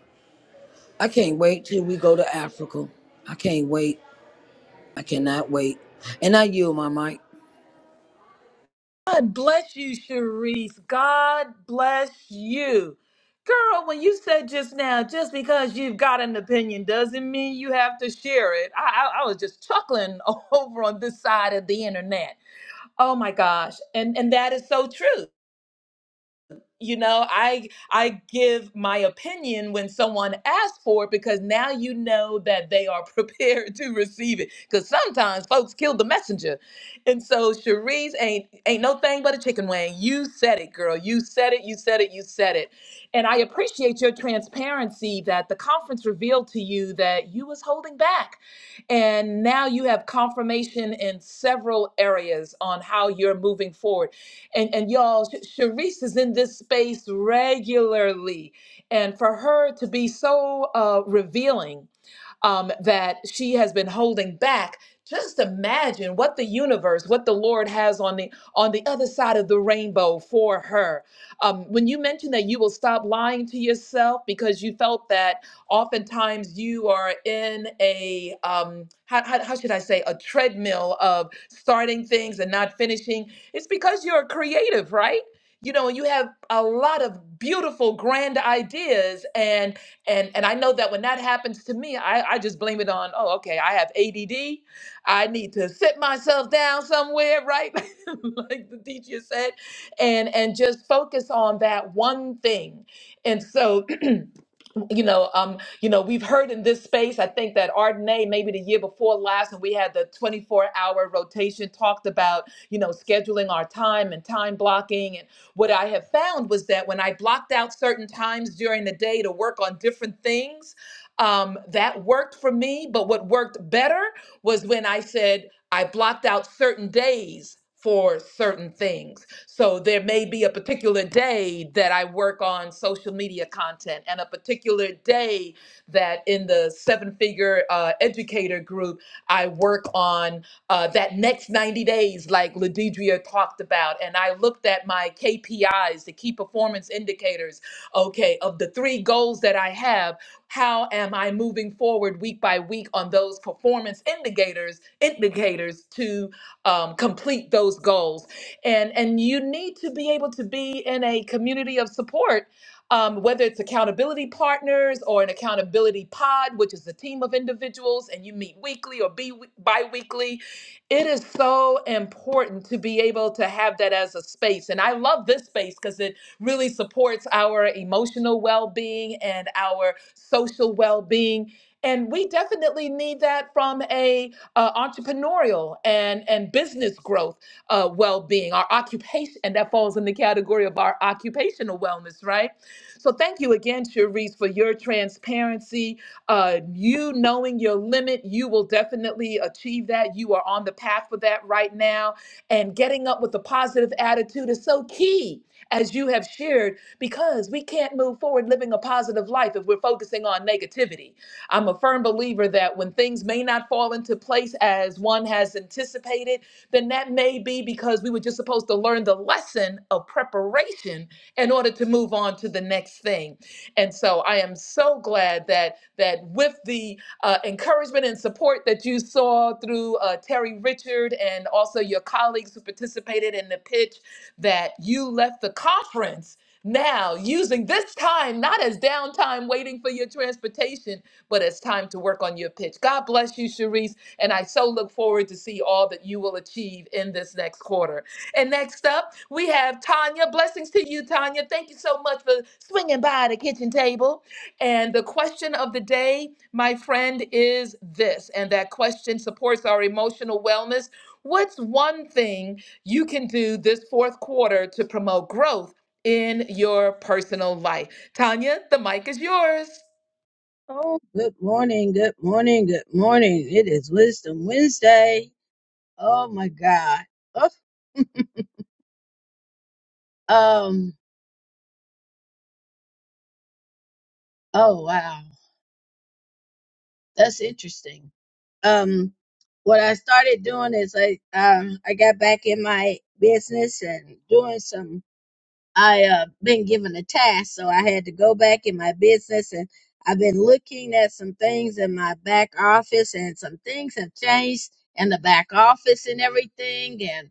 [SPEAKER 2] I can't wait till we go to Africa. I can't wait. I cannot wait, and I yield my mic.
[SPEAKER 1] God bless you, Cherise. God bless you. Girl, when you said just now, just because you've got an opinion doesn't mean you have to share it. I, I, I was just chuckling over on this side of the internet. Oh my gosh. And and that is so true. you know i i give my opinion when someone asks for it because now you know that they are prepared to receive it because sometimes folks kill the messenger and so Cherise ain't ain't no thing but a chicken wing you said it girl you said it you said it you said it and i appreciate your transparency that the conference revealed to you that you was holding back and now you have confirmation in several areas on how you're moving forward and and y'all, Sh- Sharice is in this space regularly, and for her to be so uh, revealing um, that she has been holding back. Just imagine what the universe, what the Lord has on the on the other side of the rainbow for her. Um, when you mentioned that you will stop lying to yourself because you felt that oftentimes you are in a um, how, how, how should I say a treadmill of starting things and not finishing. It's because you're creative, right? You know, you have a lot of beautiful, grand ideas, and and and I know that when that happens to me, I, I just blame it on, oh, okay, I have ADD. I need to sit myself down somewhere, right? like the teacher said, and and just focus on that one thing. And so you know, um, you know, we've heard in this space. I think that Ardenae maybe the year before last, and we had the 24-hour rotation, talked about you know scheduling our time and time blocking. And what I have found was that when I blocked out certain times during the day to work on different things, um, that worked for me. But what worked better was when I said I blocked out certain days for certain things. So there may be a particular day that I work on social media content, and a particular day that in the seven figure uh, educator group, I work on uh, that next 90 days, like Ladidria talked about. And I looked at my KPIs, the key performance indicators, okay, of the three goals that I have. How am I moving forward week by week on those performance indicators indicators to um, complete those goals? and and you need to be able to be in a community of support um, whether it's accountability partners or an accountability pod which is a team of individuals and you meet weekly or be bi-weekly it is so important to be able to have that as a space and i love this space because it really supports our emotional well-being and our social well-being and we definitely need that from a uh, entrepreneurial and and business growth uh, well-being, our occupation, and that falls in the category of our occupational wellness, right? So thank you again, Cherise, for your transparency. Uh, you knowing your limit, you will definitely achieve that. You are on the path for that right now, and getting up with a positive attitude is so key, as you have shared, because we can't move forward living a positive life if we're focusing on negativity I'm a firm believer that when things may not fall into place as one has anticipated, then that may be because we were just supposed to learn the lesson of preparation in order to move on to the next thing. And so I am so glad that that with the uh, encouragement and support that you saw through uh, Terry Richard and also your colleagues who participated in the pitch, that you left the conference now using this time not as downtime waiting for your transportation but it's time to work on your pitch. God bless you, Sharice. And I so look forward to see all that you will achieve in this next quarter. And next up, we have Tanya. Blessings to you, Tanya. Thank you so much for swinging by the kitchen table. And the question of the day, my friend, is this. And that question supports our emotional wellness. What's one thing you can do this fourth quarter to promote growth in your personal life? Tanya, the mic is yours.
[SPEAKER 5] Oh, good morning, good morning, good morning. It is Wisdom Wednesday. Oh my God. Oh, um, oh wow, that's interesting. Um, what I started doing is I um I got back in my business and doing some I uh been given a task, so I had to go back in my business and I've been looking at some things in my back office and some things have changed in the back office and everything and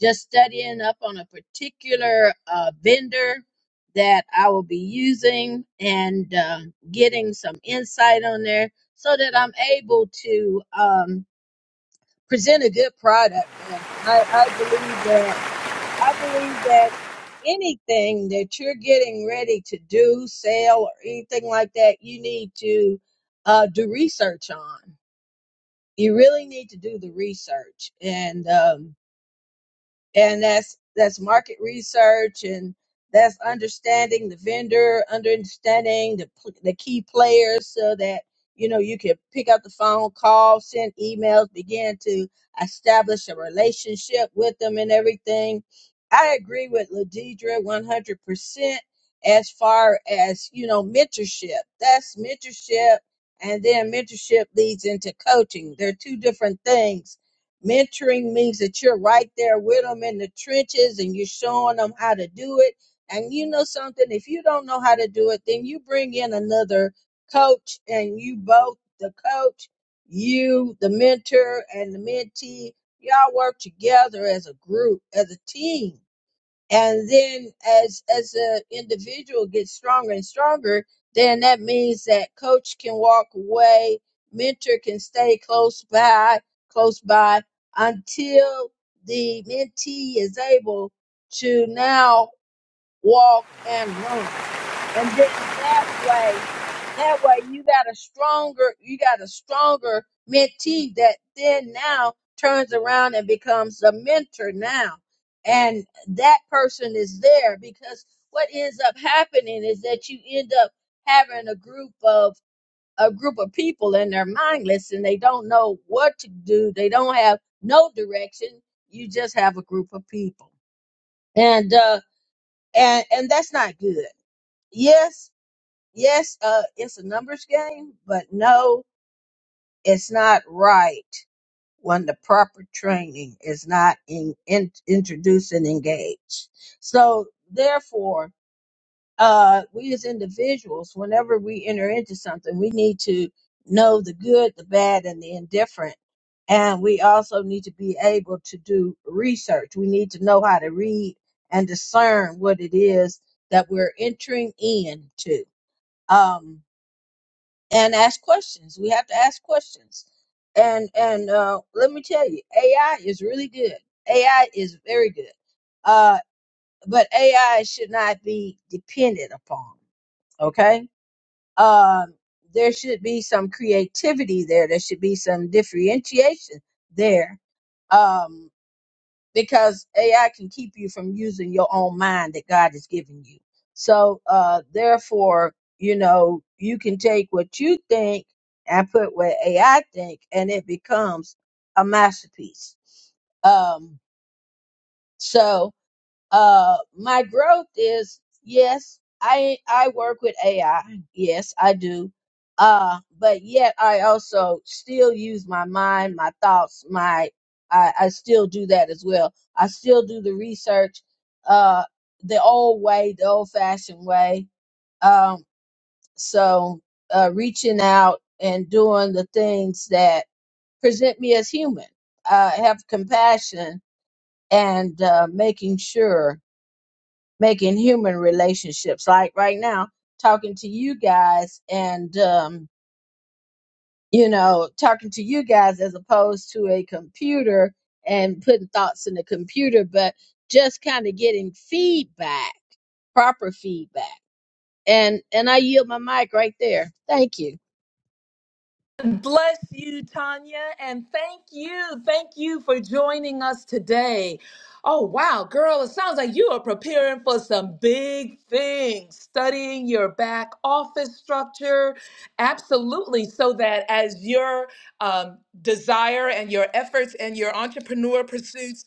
[SPEAKER 5] just studying up on a particular uh vendor that I will be using and um getting some insight on there so that I'm able to um present a good product. Uh, I, I believe that I believe that anything that you're getting ready to do, sale, or anything like that, you need to uh, do research on. You really need to do the research. And, um, and that's that's market research and that's understanding the vendor understanding the, pl- the key players so that you know you can pick up the phone call send emails begin to establish a relationship with them and everything i agree with ladidra 100% as far as you know mentorship that's mentorship and then mentorship leads into coaching they're two different things Mentoring means that you're right there with them in the trenches and you're showing them how to do it. And you know something, if you don't know how to do it, then you bring in another coach and you both, the coach, you, the mentor, and the mentee, y'all work together as a group, as a team and then as as an individual gets stronger and stronger then that means that coach can walk away mentor can stay close by close by until the mentee is able to now walk and run and then that way that way you got a stronger, you got a stronger mentee that then now turns around and becomes a mentor now. And that person is there because what ends up happening is that you end up having a group of a group of people and they're mindless and they don't know what to do. They don't have no direction. You just have a group of people. And uh and and that's not good. Yes, yes, uh, it's a numbers game, but no, it's not right when the proper training is not in, in, introduced and engaged. So, therefore, uh, we as individuals, whenever we enter into something, we need to know the good, the bad, and the indifferent. And we also need to be able to do research. We need to know how to read and discern what it is that we're entering into. Um, and ask questions. We have to ask questions. And and uh, let me tell you, AI is really good. AI is very good. Uh, but AI should not be dependent upon. Okay. Um, there should be some creativity there. There should be some differentiation there. Um, because AI can keep you from using your own mind that God has given you. So, uh, therefore, you know, you can take what you think and put what AI think, and it becomes a masterpiece. Um, so, uh my growth is yes i i work with ai yes i do uh but yet i also still use my mind my thoughts my i i still do that as well i still do the research uh the old way the old fashioned way um so uh reaching out and doing the things that present me as human uh have compassion and uh making sure making human relationships like right now talking to you guys and um you know talking to you guys as opposed to a computer and putting thoughts in the computer but just kind of getting feedback proper feedback and and i yield my mic right there thank you
[SPEAKER 1] Bless you, Tanya, and thank you. Thank you for joining us today. Oh, wow, girl, it sounds like you are preparing for some big things, studying your back office structure. Absolutely. So that as your um, desire and your efforts and your entrepreneur pursuits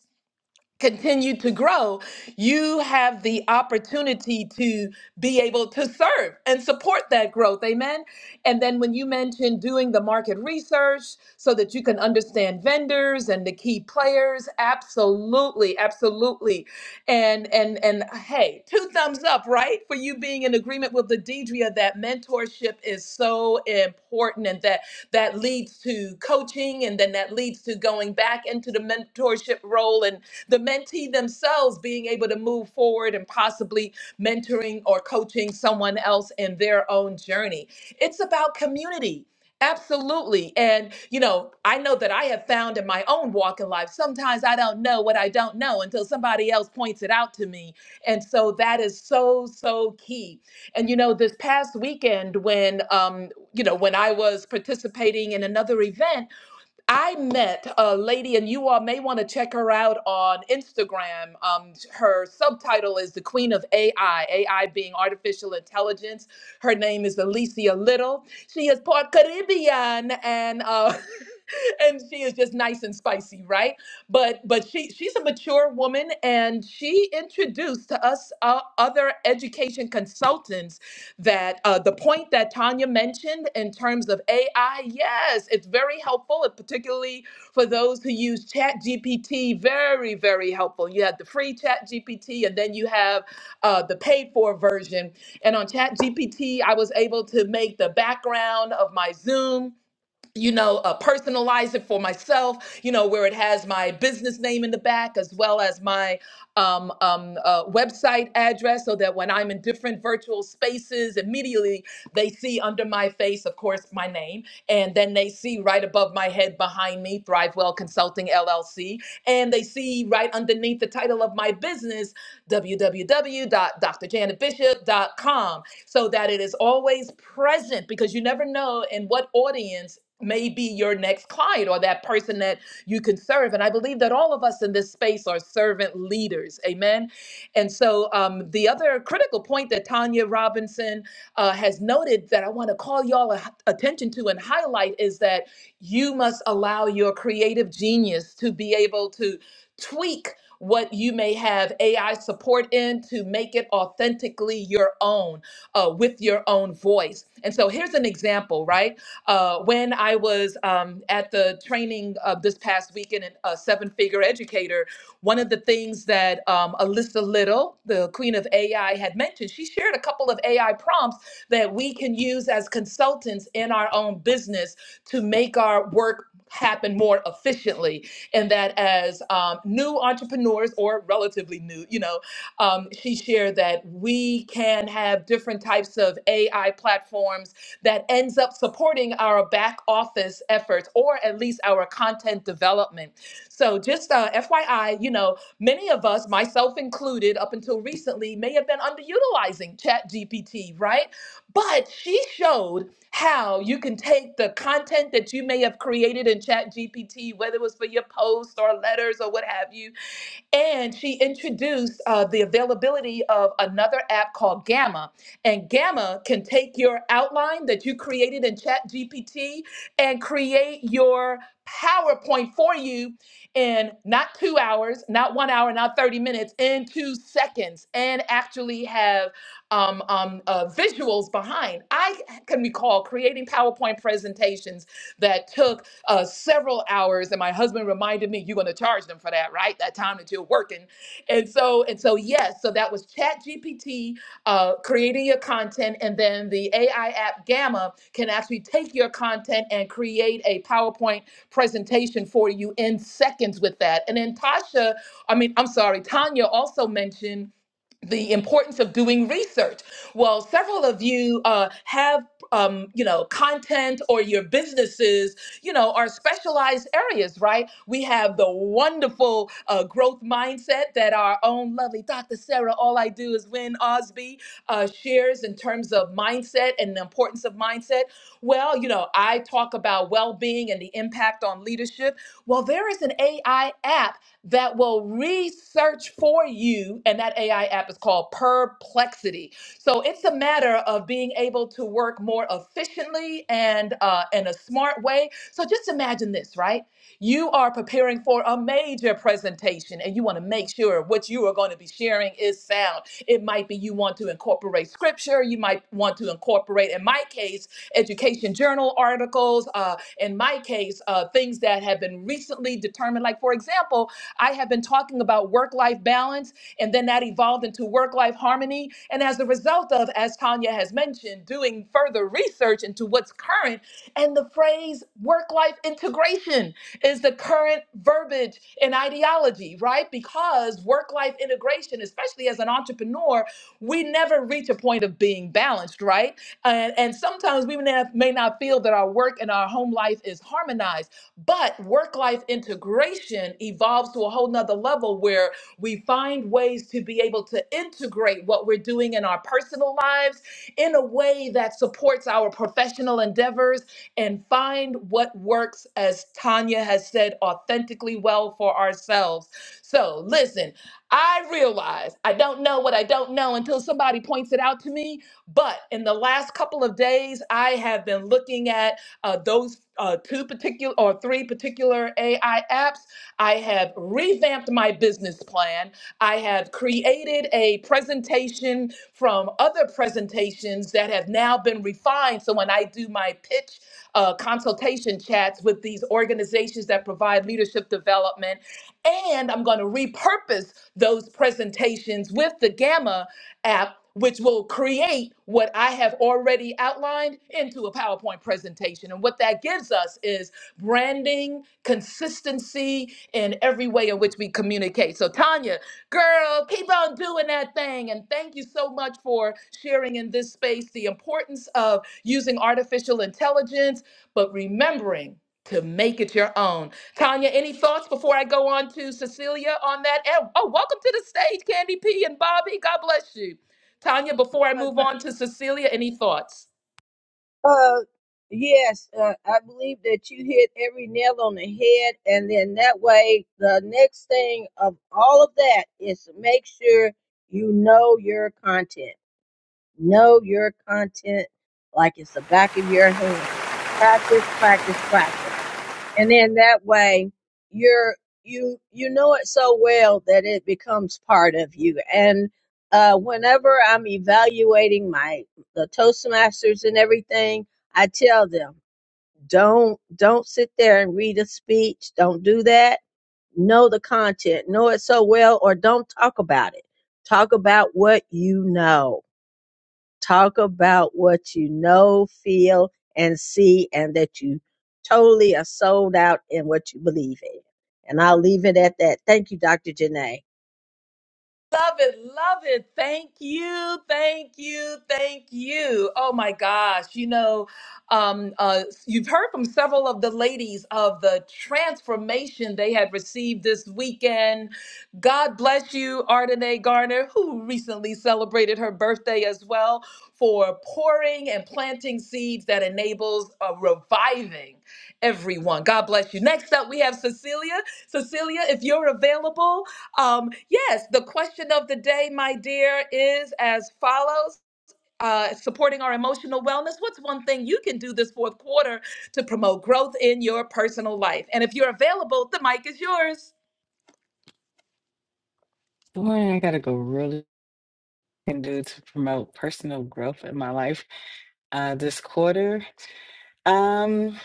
[SPEAKER 1] continue to grow, you have the opportunity to be able to serve and support that growth. Amen. And then when you mentioned doing the market research so that you can understand vendors and the key players, absolutely, absolutely. And and and hey, two thumbs up, right? For you being in agreement with the Deidria that mentorship is so important and that that leads to coaching and then that leads to going back into the mentorship role and the mentee themselves being able to move forward and possibly mentoring or coaching someone else in their own journey. It's about community. Absolutely. And, you know, I know that I have found in my own walk in life, sometimes I don't know what I don't know until somebody else points it out to me. And so that is so, so key. And, you know, this past weekend when, um, you know, when I was participating in another event, I met a lady, and you all may want to check her out on Instagram. Um, her subtitle is The Queen of AI, AI being artificial intelligence. Her name is Alicia Little. She is part Caribbean, and uh, and she is just nice and spicy, right? But but she she's a mature woman, and she introduced to us uh, other education consultants that uh, the point that Tanya mentioned in terms of AI, yes, it's very helpful, uh, particularly for those who use Chat GPT. Very, very helpful. You have the free Chat GPT, and then you have uh, the paid for version. And on Chat GPT, I was able to make the background of my Zoom you know, uh, personalize it for myself, you know, where it has my business name in the back as well as my um, um, uh, website address so that when I'm in different virtual spaces, immediately they see under my face, of course, my name. And then they see right above my head behind me, ThriveWell Consulting LLC. And they see right underneath the title of my business, w w w dot dr janet bishop dot com, so that it is always present because you never know in what audience may be your next client or that person that you can serve. And I believe that all of us in this space are servant leaders. Amen. And so um, the other critical point that Tanya Robinson uh, has noted that I want to call y'all a- attention to and highlight is that you must allow your creative genius to be able to tweak what you may have AI support in to make it authentically your own uh, with your own voice. And so here's an example, right? Uh, when I was um, at the training of this past weekend, in a seven figure educator, one of the things that um, Alyssa Little, the queen of AI, had mentioned, she shared a couple of AI prompts that we can use as consultants in our own business to make our work happen more efficiently and that as um, new entrepreneurs or relatively new you know um, she shared that we can have different types of ai platforms that ends up supporting our back office efforts or at least our content development. So, just uh, FYI, you know, many of us, myself included, up until recently, may have been underutilizing ChatGPT, right? But she showed how you can take the content that you may have created in ChatGPT, whether it was for your posts or letters or what have you, and she introduced uh, the availability of another app called Gamma. And Gamma can take your outline that you created in Chat GPT and create your PowerPoint for you in not two hours, not one hour, not 30 minutes, in two seconds, and actually have um, um, uh, visuals behind. I can recall creating PowerPoint presentations that took uh, several hours. And my husband reminded me, you're going to charge them for that, right? That time that you're working. And so, and so, yes. So that was Chat GPT uh, creating your content, and then the AI app Gamma can actually take your content and create a PowerPoint presentation for you in seconds with that. And then Tasha, I mean, I'm sorry, Tanya also mentioned the importance of doing research. Well, several of you uh, have, um, you know, content or your businesses, you know, are specialized areas, right? We have the wonderful uh, growth mindset that our own lovely Dr. Sarah, all I do is win Osby, uh, shares in terms of mindset and the importance of mindset. Well, you know, I talk about well being and the impact on leadership. Well, there is an AI app that will research for you. And that AI app is called Perplexity. So it's a matter of being able to work more efficiently and uh, in a smart way. So just imagine this, right? You are preparing for a major presentation and you want to make sure what you are going to be sharing is sound. It might be you want to incorporate scripture, you might want to incorporate, in my case, education journal articles, uh, in my case, uh, things that have been recently determined. Like, for example, I have been talking about work life balance, and then that evolved into work life harmony. And as a result of, as Tanya has mentioned, doing further research into what's current and the phrase work life integration is the current verbiage and ideology, right? Because work life integration, especially as an entrepreneur, we never reach a point of being balanced, right? And, and sometimes we may not, may not feel that our work and our home life is harmonized, but work life integration evolves to a whole nother level where we find ways to be able to integrate what we're doing in our personal lives in a way that supports our professional endeavors and find what works, as Tanya has said, authentically well for ourselves. So, listen, I realize I don't know what I don't know until somebody points it out to me. But in the last couple of days, I have been looking at uh, those uh, two particular or three particular AI apps. I have revamped my business plan. I have created a presentation from other presentations that have now been refined. So when I do my pitch uh, consultation chats with these organizations that provide leadership development, and I'm going to repurpose those presentations with the Gamma app. Which will create what I have already outlined into a PowerPoint presentation. And what that gives us is branding, consistency in every way in which we communicate. So, Tanya, Girl, keep on doing that thing. And thank you so much for sharing in this space the importance of using artificial intelligence, but remembering to make it your own. Tanya, any thoughts before I go on to Cecilia on that? And oh, welcome to the stage, Candy P and Bobby. God bless you. Tanya, before I move on to Cecilia, any thoughts?
[SPEAKER 5] Uh, yes, uh, I believe that you hit every nail on the head, and then that way, the next thing of all of that is to make sure you know your content. Know your content like it's the back of your hand. Practice, practice, practice and then that way you're you you know it so well that it becomes part of you and uh whenever i'm evaluating my the toastmasters and everything i tell them don't don't sit there and read a speech don't do that know the content know it so well or don't talk about it talk about what you know Talk about what you know, feel, and see, and that you totally are sold out in what you believe in. And I'll leave it at that. Thank you, Dr. Janae.
[SPEAKER 1] Love it, love it. Thank you, thank you, thank you. Oh my gosh, you know, um, uh, you've heard from several of the ladies of the transformation they had received this weekend. God bless you, Ardenae Garner, who recently celebrated her birthday as well, for pouring and planting seeds that enables a reviving everyone. God bless you. Next up, we have Cecilia. Cecilia, if you're available. Um, yes, the question of the day, my dear, is as follows. Uh, supporting our emotional wellness. What's one thing you can do this fourth quarter to promote growth in your personal life? And if you're available, the mic is yours.
[SPEAKER 6] Good morning. I got to go really can do to promote personal growth in my life uh this quarter. Um,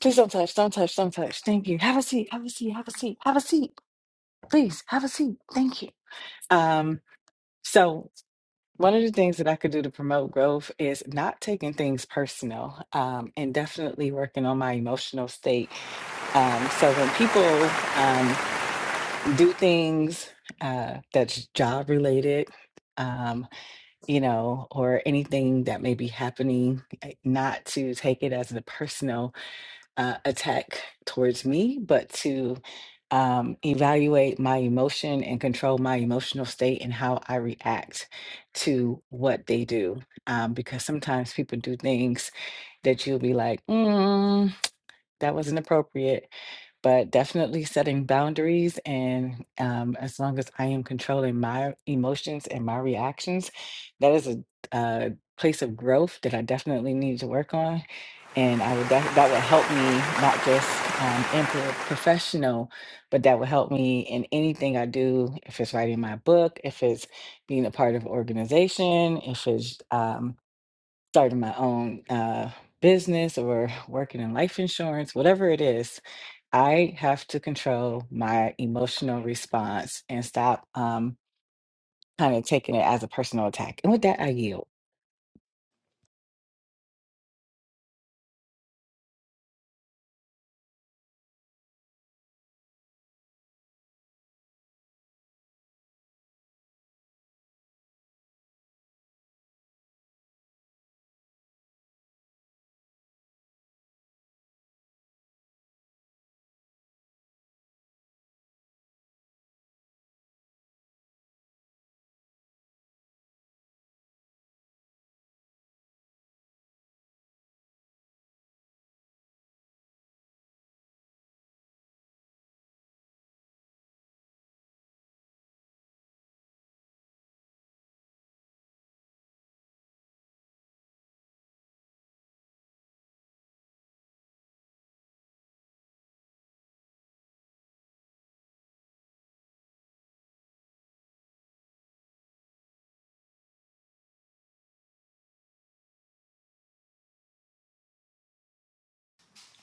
[SPEAKER 6] please don't touch, don't touch, don't touch. Thank you. Have a seat, have a seat, have a seat, have a seat. Please have a seat. Thank you. Um, so one of the things that I could do to promote growth is not taking things personal, um, and definitely working on my emotional state. Um, so when people um do things uh that's job related, um, you know, or anything that may be happening, eh, not to take it as a personal uh, attack towards me, but to um, evaluate my emotion and control my emotional state and how I react to what they do. Um, because sometimes people do things that you'll be like, mm, that wasn't appropriate but definitely setting boundaries. And um, as long as I am controlling my emotions and my reactions, that is a, uh place of growth that I definitely need to work on. And I would def- that would help me not just um, in pro- professional, but that would help me in anything I do. If it's writing my book, if it's being a part of organization, if it's um, starting my own uh, business or working in life insurance, whatever it is, I have to control my emotional response and stop um, kind of taking it as a personal attack. And with that, I yield.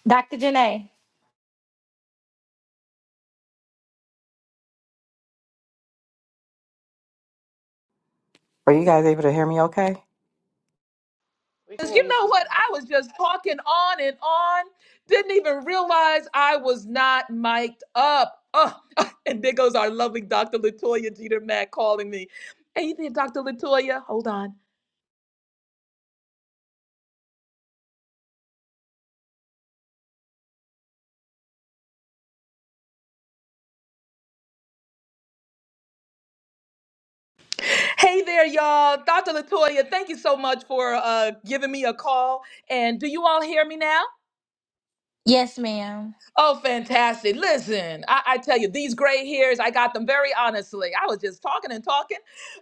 [SPEAKER 7] Dr. Janae.
[SPEAKER 6] Are you guys able to hear me okay?
[SPEAKER 8] We can
[SPEAKER 1] 'Cause
[SPEAKER 8] hear
[SPEAKER 1] you
[SPEAKER 8] you,
[SPEAKER 1] know
[SPEAKER 8] CC.
[SPEAKER 1] what? I was just talking on and on, didn't even realize I was not mic'd up. Oh, and there goes our lovely Dr. Latoya Jeter Mack calling me. Hey there, Dr. Latoya. Hold on. Hey there, y'all. Dr. Latoya, thank you so much for uh, giving me a call. And do you all hear me now?
[SPEAKER 7] Yes, ma'am.
[SPEAKER 1] Oh, fantastic. Listen, I, I tell you, these gray hairs, I got them very honestly. I was just talking and talking.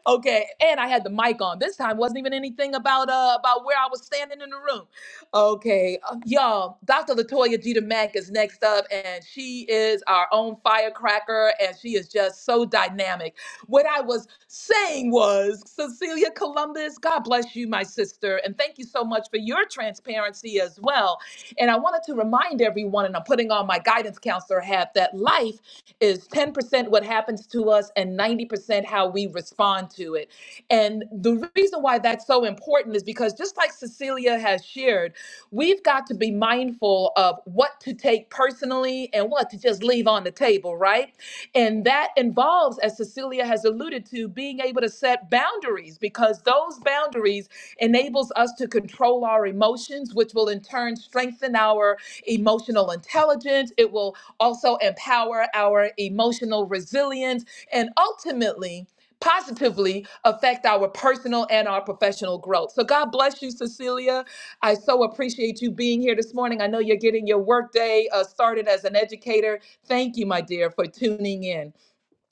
[SPEAKER 1] Okay. And I had the mic on. This time wasn't even anything about uh about where I was standing in the room. Okay. uh, y'all, Dr. Latoya Jeter Mack is next up, and she is our own firecracker, and she is just so dynamic. What I was saying was, Cecilia Columbus, God bless you, my sister, and thank you so much for your transparency as well and I wanted to remind everyone, and I'm putting on my guidance counselor hat, that life is 10% what happens to us and 90% how we respond to it. And the reason why that's so important is because just like Cecilia has shared, we've got to be mindful of what to take personally and what to just leave on the table, right? And that involves, as Cecilia has alluded to, being able to set boundaries because those boundaries enables us to control our emotions, which will in turn strengthen our emotional intelligence. It will also empower our emotional resilience and ultimately positively affect our personal and our professional growth. So God bless you, Cecilia. I so appreciate you being here this morning. I know you're getting your workday uh, started as an educator. Thank you, my dear, for tuning in.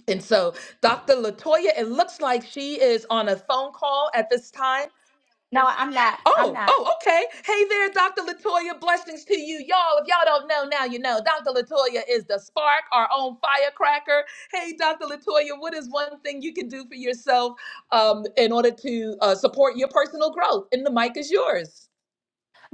[SPEAKER 1] And so, Dr. Latoya, it looks like she is on a phone call at this time.
[SPEAKER 7] No, I'm not. I'm
[SPEAKER 1] Oh,
[SPEAKER 7] not.
[SPEAKER 1] oh, okay. Hey there, Dr. Latoya. Blessings to you, y'all. If y'all don't know now, you know. Dr. Latoya is the spark, our own firecracker. Hey, Dr. Latoya, what is one thing you can do for yourself um, in order to uh, support your personal growth? And the mic is yours.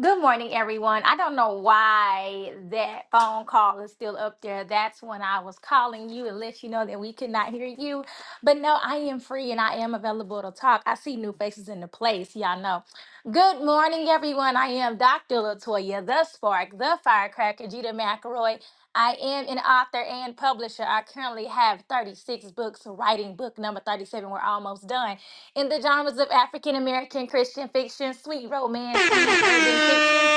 [SPEAKER 7] Good morning, everyone. I don't know why that phone call is still up there. That's when I was calling you and let you know that we could not hear you. But no, I am free and I am available to talk. I see new faces in the place. Y'all know. Good morning, everyone. I am Dr. Latoya, the spark, the firecracker, Judah McElroy. I am an author and publisher. I currently have 36 books, writing book number 37. We're almost done. in the genres of African American Christian fiction, sweet romance, and urban fiction.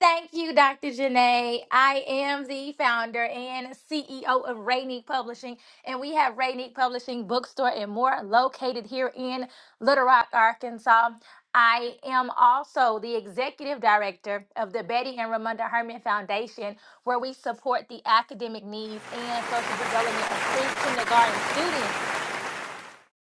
[SPEAKER 7] Thank you, Dr. Janae. I am the founder and CEO of Rainique Publishing, and we have Rainique Publishing Bookstore and more located here in Little Rock, Arkansas. I am also the executive director of the Betty and Ramunda Herman Foundation, where we support the academic needs and social development of pre kindergarten students.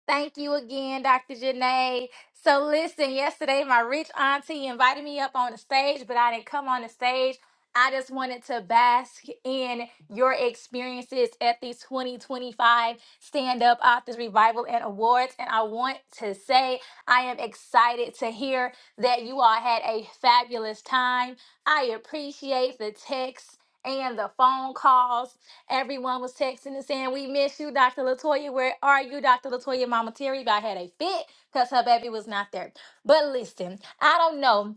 [SPEAKER 7] Thank you again, Dr. Janae. So listen, yesterday my rich auntie invited me up on the stage, but I didn't come on the stage. I just wanted to bask in your experiences at the 2025 Stand Up Authors Revival and Awards. And I want to say I am excited to hear that you all had a fabulous time. I appreciate the texts and the phone calls Everyone was texting and saying, We miss you, Dr. Latoya. Where are you, Dr. Latoya? Mama Terry about had a fit because her baby was not there. But listen, I don't know.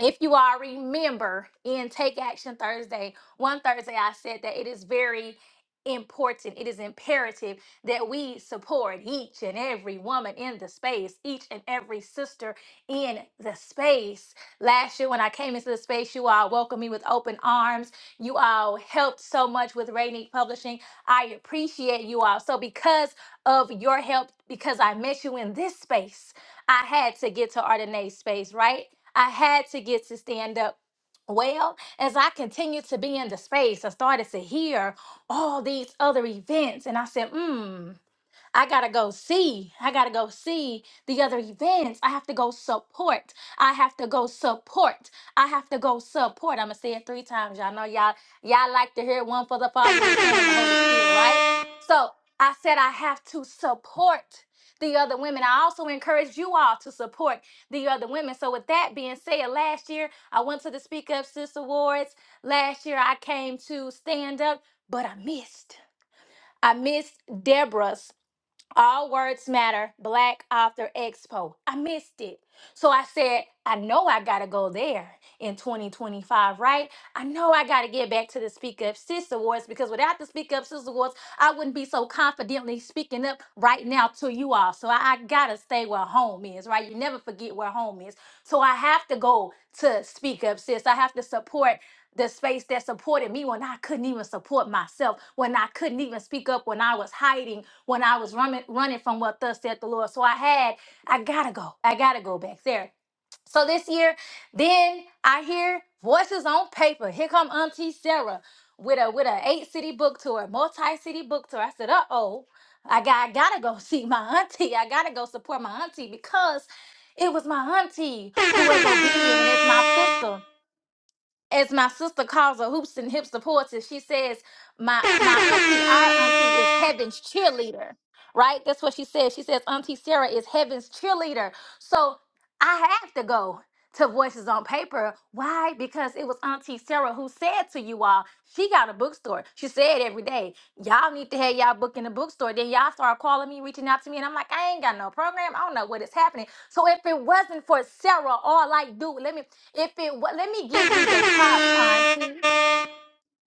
[SPEAKER 7] If you all remember in Take Action Thursday, one Thursday I said that it is very important, it is imperative that we support each and every woman in the space, each and every sister in the space. Last year, when I came into the space, you all welcomed me with open arms you all helped so much with Rainy Publishing. I appreciate you all. So because of your help, because I met you in this space, I had to get to Ardenae's space, right? I had to get to stand up. Well, as I continued to be in the space, I started to hear all these other events, and I said, hmm. I gotta go see. I gotta go see the other events. I have to go support. I have to go support. I have to go support. I'm gonna say it three times. Y'all know y'all y'all like to hear one for the Father, the Son, and the Holy Spirit, right? So I said I have to support the other women. I also encourage you all to support the other women. So with that being said, last year I went to the Speak Up Sis Awards. Last year I came to stand up, but I missed. I missed Deborah's all words matter. Black Author Expo. I missed it. So I said, I know I got to go there in 2025, right? I know I got to get back to the Speak Up Sis Awards because without the Speak Up Sis Awards, I wouldn't be so confidently speaking up right now to you all. So I, I got to stay where home is, right? You never forget where home is. So I have to go to Speak Up Sis. I have to support the space that supported me when I couldn't even support myself, when I couldn't even speak up, when I was hiding, when I was running running from what thus said the Lord. So I had, I gotta go. I gotta go back there. So this year, then I hear voices on paper. Here come Auntie Sarah with a with a eight city book tour, multi city book tour. I said, uh oh, I got I gotta go see my auntie. I gotta go support my auntie because it was my auntie who was obedient, and it's my sister as my sister calls her hoops and hip supporter, she says, My my auntie, our auntie is heaven's cheerleader. Right? That's what she says. She says, Auntie Sarah is heaven's cheerleader. So I have to go to Voices on Paper. Why? Because it was Auntie Sarah who said to you all, she got a bookstore. She said every day, y'all need to have y'all book in the bookstore. Then y'all start calling me, reaching out to me, and I'm like, I ain't got no program. I don't know what is happening. So if it wasn't for Sarah, all I do, let me if it wa- let me give you your props, Auntie.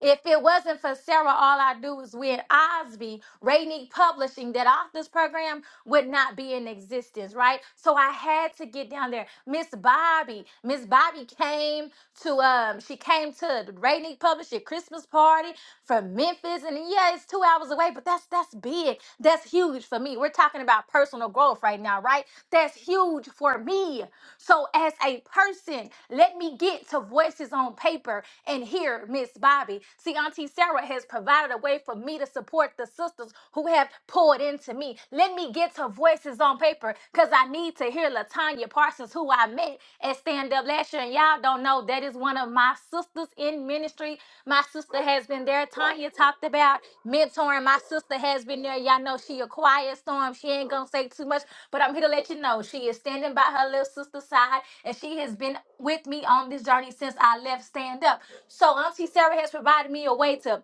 [SPEAKER 7] If it wasn't for Sarah, all I do is win Osby, Rainy Publishing, that authors program would not be in existence, right? So I had to get down there. Miss Bobby, Miss Bobby came to um, she came to the Rainy Publisher Christmas party from Memphis, and yeah, it's two hours away, but that's that's big. That's huge for me. We're talking about personal growth right now, right? That's huge for me. So as a person, let me get to voices on paper and hear Miss Bobby. See, Auntie Sarah has provided a way for me to support the sisters apostles who have poured into me. Let me get her voices on paper because I need to hear Latanya Parsons, who I met at Stand Up last year. And y'all don't know that is one of my sisters in ministry. My sister has been there. Tanya talked about mentoring. My sister has been there. Y'all know she a quiet storm. She ain't gonna say too much, but I'm here to let you know she is standing by her little sister's side, and she has been with me on this journey since I left Stand Up. So Auntie Sarah has provided me a way to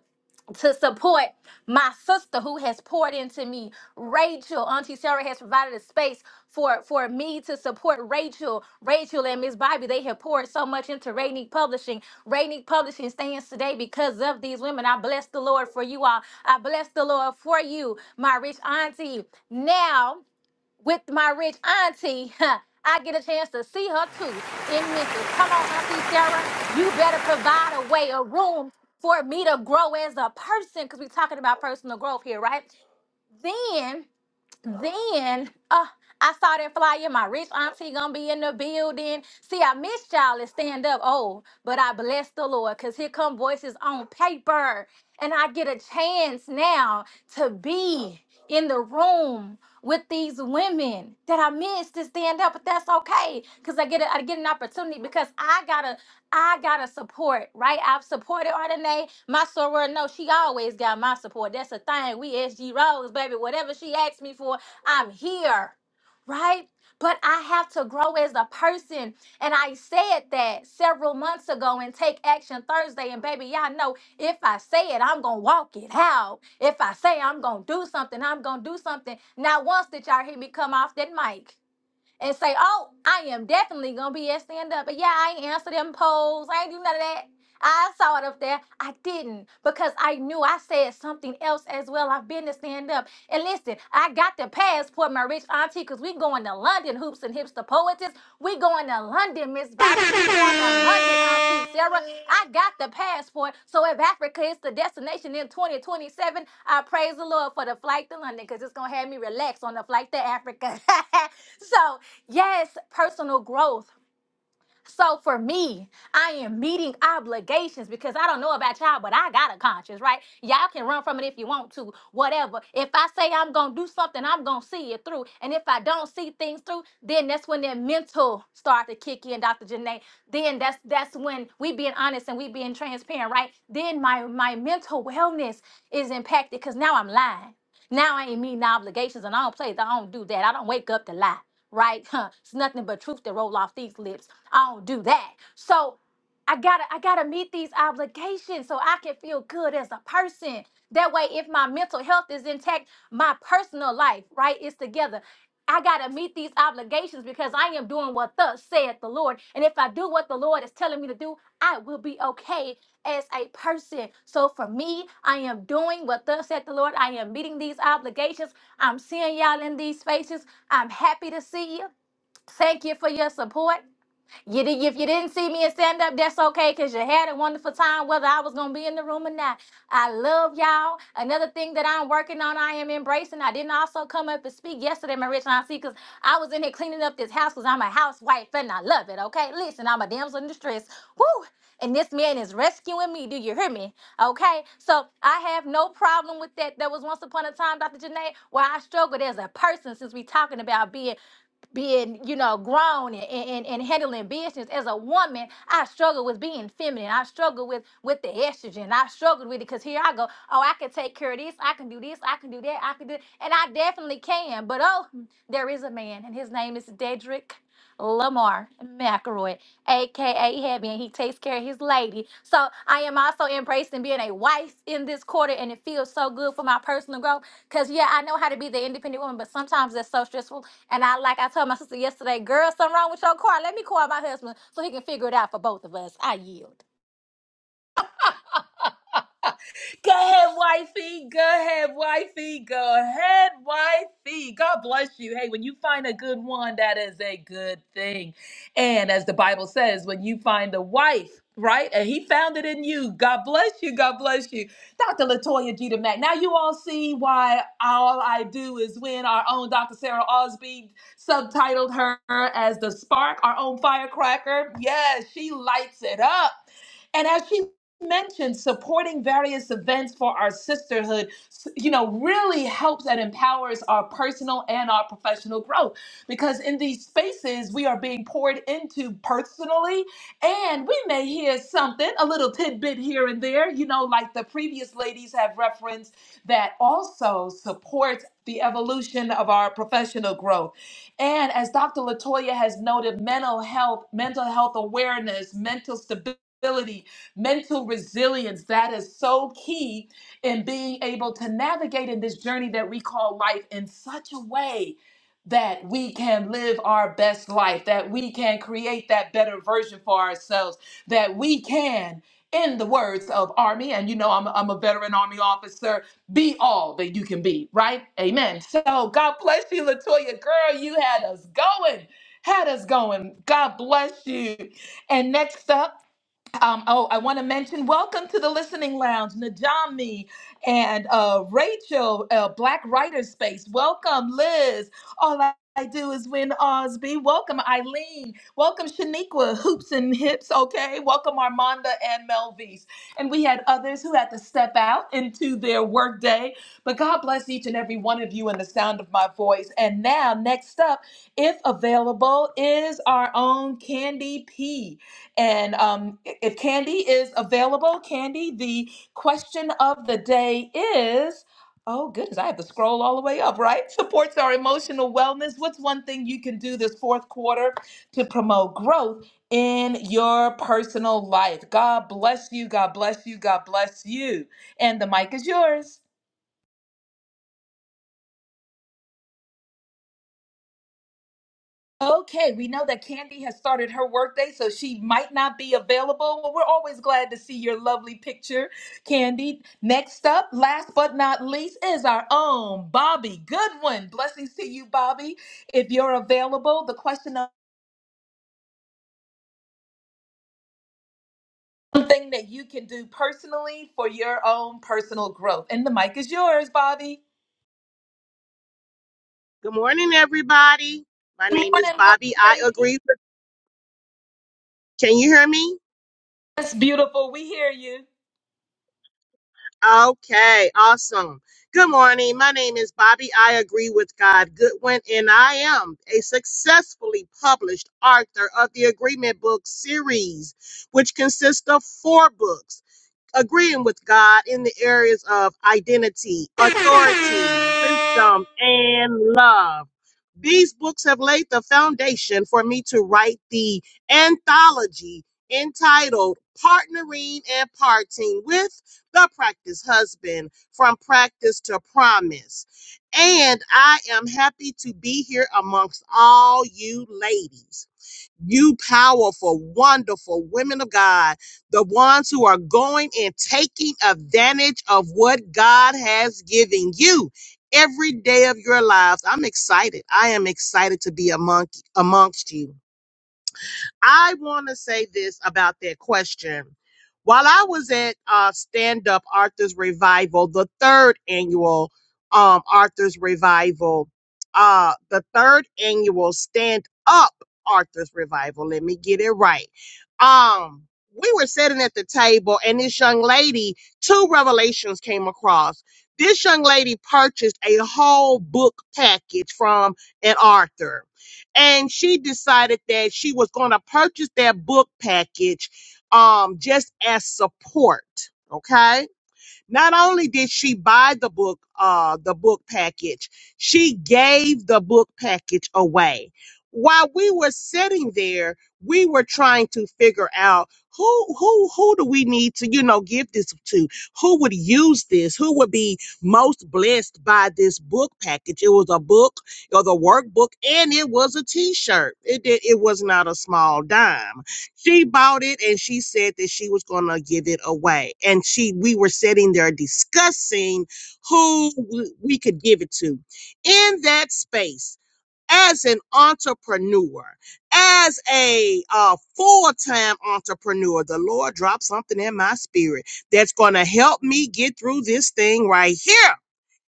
[SPEAKER 7] to support my sister who has poured into me. Rachel, Auntie Sarah has provided a space for, for me to support Rachel. Rachel and Miss Bobby, they have poured so much into Rainique Publishing. Rainique Publishing stands today because of these women. I bless the Lord for you all. I bless the Lord for you, my rich auntie. Now, with my rich auntie, I get a chance to see her too in Memphis. Come on, Auntie Sarah, you better provide a way, a room for me to grow as a person because we're talking about personal growth here, right? Then then, uh, I saw that flyer. My rich auntie gonna be in the building. See, I missed y'all at stand up. Oh, but I bless the Lord because here come voices on paper, and I get a chance now to be in the room with these women that I missed to stand up. But that's okay because I get a, I get an opportunity because I gotta I gotta support right. I've supported Ardenae. My soror, no, she always got my support. That's a thing. We SG Rose, baby. Whatever she asks me for, I'm here, right? But I have to grow as a person. And I said that several months ago and take action Thursday. And baby, y'all know if I say it, I'm going to walk it out. If I say I'm going to do something, I'm going to do something. Not once did y'all hear me come off that mic and say, "Oh, I am definitely gonna be at stand up." But yeah, I ain't answer them polls. I ain't do none of that. I saw it up there. I didn't because I knew I said something else as well. I've been to stand up. And listen, I got the passport, my rich auntie, because we going to London, hoops and hipster to poetess. We going to London, Miss Bobby. We going to London, Auntie Sarah. I got the passport. So if Africa is the destination in 2027, I praise the Lord for the flight to London because it's going to have me relax on the flight to Africa. so Yes, personal growth. So for me, I am meeting obligations because I don't know about y'all, but I got a conscience, right? Y'all can run from it if you want to, whatever. If I say I'm going to do something, I'm going to see it through. And if I don't see things through, then that's when that mental start to kick in, Dr. Janae. Then that's that's when we being honest and we being transparent, right? Then my my mental wellness is impacted cuz now I'm lying. Now I ain't meeting obligations and I don't play. that. I don't do that. I don't wake up to lie, right? It's nothing but truth that roll off these lips. I don't do that. So I gotta I gotta meet these obligations so I can feel good as a person. That way, if my mental health is intact, my personal life, right, is together. I gotta meet these obligations because I am doing what thus saith the Lord. And if I do what the Lord is telling me to do, I will be okay as a person. So for me, I am doing what thus saith the Lord. I am meeting these obligations. I'm seeing y'all in these spaces. I'm happy to see you. Thank you for your support. You did, if you didn't see me in stand up, that's okay because you had a wonderful time, whether I was going to be in the room or not. I love y'all. Another thing that I'm working on, I am embracing. I didn't also come up and speak yesterday, my rich auntie, because I was in here cleaning up this house because I'm a housewife and I love it, okay? Listen, I'm a damsel in distress. Woo! And this man is rescuing me. Do you hear me? Okay, so I have no problem with that. There was once upon a time, Dr. Janae, where I struggled as a person since we talking about being being you know grown and, and, and handling business as a woman i struggle with being feminine i struggle with with the estrogen i struggled with it because here i go oh i can take care of this i can do this i can do that i can do and i definitely can but oh there is a man and his name is dedrick Lamar McElroy, aka Heavy, and he takes care of his lady. So I am also embracing being a wife in this quarter, and it feels so good for my personal growth. Cause yeah, I know how to be the independent woman, but sometimes that's so stressful and I like I told my sister yesterday, girl, something wrong with your car. Let me call my husband so he can figure it out for both of us. I yield.
[SPEAKER 1] Go ahead, wifey. Go ahead, wifey. Go ahead, wifey. God bless you. Hey, when you find a good one, that is a good thing. And as the Bible says, when you find a wife, right? And he found it in you. God bless you. God bless you. Dr. Latoya Jeter Mack. Now you all see why all I do is win. Our own Dr. Sarah Osby subtitled her as the spark, our own firecracker. Yes, she lights it up. And as she mentioned supporting various events for our sisterhood you know really helps and empowers our personal and our professional growth because in these spaces we are being poured into personally and we may hear something a little tidbit here and there you know like the previous ladies have referenced that also supports the evolution of our professional growth and as dr latoya has noted mental health mental health awareness mental stability mental resilience that is so key in being able to navigate in this journey that we call life in such a way that we can live our best life, that we can create that better version for ourselves, that we can, in the words of Army, and you know I'm, I'm a veteran Army officer, be all that you can be, right? Amen. So God bless you, Latoya. Girl, you had us going. Had us going. God bless you. And next up, um, oh, I want to mention welcome to the listening lounge, Najami and uh, Rachel, uh, Black Writer Space. Welcome, Liz. All I I do is win Osby. Welcome, Eileen. Welcome, Shaniqua, Hoops and Hips. Okay. Welcome, Armanda and Melvise. And we had others who had to step out into their workday. But God bless each and every one of you in the sound of my voice. And now, next up, if available, is our own Candy P. And um, if Candy is available, Candy, the question of the day is oh, goodness, I have to scroll all the way up, right? Supports our emotional wellness. What's one thing you can do this fourth quarter to promote growth in your personal life? God bless you. God bless you. God bless you. And the mic is yours. Okay, we know that Candy has started her workday, so she might not be available. Well, we're always glad to see your lovely picture, Candy. Next up, last but not least, is our own Bobby Goodwin. Blessings to you, Bobby. If you're available, the question of something that you can do personally for your own personal growth. And the mic is yours, Bobby.
[SPEAKER 9] Good morning, everybody. My
[SPEAKER 1] Good
[SPEAKER 9] name is
[SPEAKER 1] morning,
[SPEAKER 9] Bobby.
[SPEAKER 1] lovely
[SPEAKER 9] I
[SPEAKER 1] lady.
[SPEAKER 9] agree. Can you hear me?
[SPEAKER 1] That's beautiful. We hear you.
[SPEAKER 9] Okay, awesome. Good morning. My name is Bobby. I agree with God Goodwin, and I am a successfully published author of the Agreement Book series, which consists of four books agreeing with God in the areas of identity, authority, wisdom, and love. These books have laid the foundation for me to write the anthology entitled Partnering and Parting with the Practice Husband From Practice to Promise. And I am happy to be here amongst all you ladies. You powerful, wonderful women of God, the ones who are going and taking advantage of what God has given you every day of your lives. I'm excited. I am excited to be among amongst you. I want to say this about that question. While I was at uh, Stand Up Arthur's Revival, the third annual um, Arthur's Revival, uh, the third annual Stand Up Arthur's Revival, let me get it right. Um, we were sitting at the table, and this young lady, two revelations came across. This young lady purchased a whole book package from an Arthur and she decided that she was going to purchase that book package um just as support okay not only did she buy the book, uh, the book package, she gave the book package away. While we were sitting there, we were trying to figure out who who who do we need to you know give this to who would use this who would be most blessed by this book package it was a book or the workbook and it was a t-shirt it did, it was not a small dime she bought it and she said that she was going to give it away and she we were sitting there discussing who w- we could give it to in that space as an entrepreneur as a uh, full-time entrepreneur the lord dropped something in my spirit that's going to help me get through this thing right here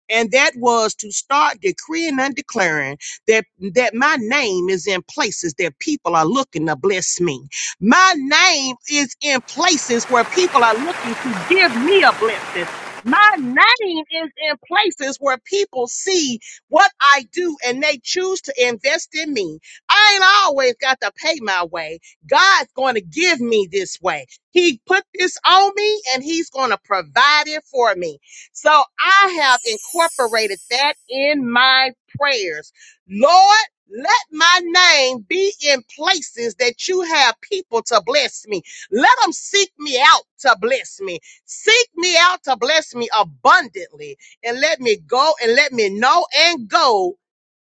[SPEAKER 9] and that was to start decreeing and declaring that that my name is in places that people are looking to bless me. My name is in places where people are looking to give me a blessing. My name is in places where people see what I do and they choose to invest in me. I ain't always got to pay my way. God's going to give me this way. He put this on me and he's going to provide it for me. So I have incorporated that in my prayers. Lord, let my name be in places that you have people to bless me. Let them seek me out to bless me. Seek me out to bless me abundantly and let me go and let me know and go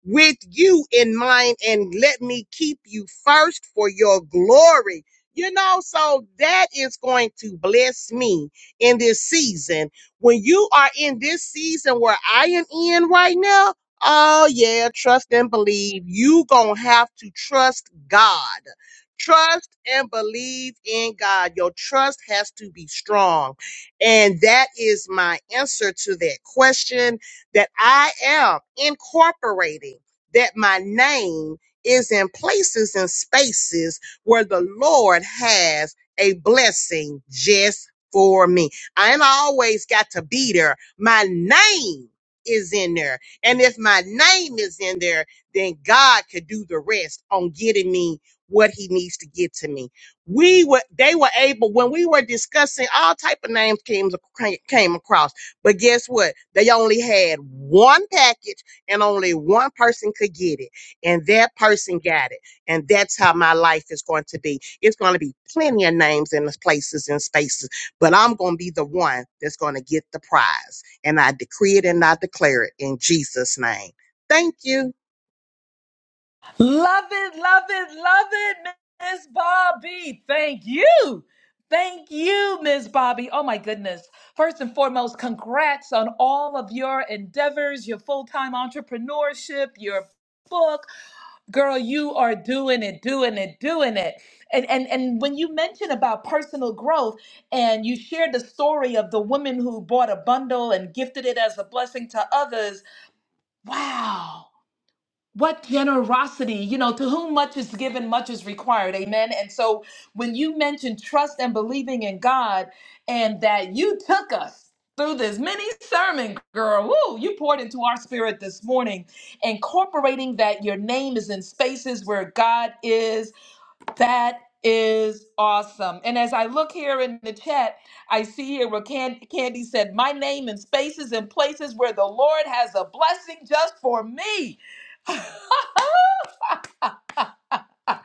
[SPEAKER 9] with you in mind and let me keep you first for your glory. You know, so that is going to bless me in this season. When you are in this season where I am in right now, oh yeah, trust and believe. You gonna have to trust God. Trust and believe in God. Your trust has to be strong. And that is my answer to that question that I am incorporating, that my name is in places and spaces where the Lord has a blessing just for me. I ain't always got to be there. My name is in there. And if my name is in there, then God could do the rest on getting me what he needs to get to me. We were they were able when we were discussing all type of names came came across. But guess what? They only had one package and only one person could get it. And that person got it. And that's how my life is going to be. It's going to be plenty of names and places and spaces, but I'm going to be the one that's going to get the prize. And I decree it and I declare it in Jesus' name. Thank you.
[SPEAKER 1] Love it, love it, love it, Miss Bobby. Thank you. Thank you, Miss Bobby. Oh my goodness. First and foremost, congrats on all of your endeavors, your full-time entrepreneurship, your book. Girl, you are doing it, doing it, doing it. And and and when you mentioned about personal growth and you shared the story of the woman who bought a bundle and gifted it as a blessing to others, wow what generosity you know to whom much is given much is required amen and so when you mentioned trust and believing in god and that you took us through this mini sermon girl woo, you poured into our spirit this morning incorporating that your name is in spaces where god is that is awesome and as i look here in the chat i see here where Can- candy said my name in spaces and places where the lord has a blessing just for me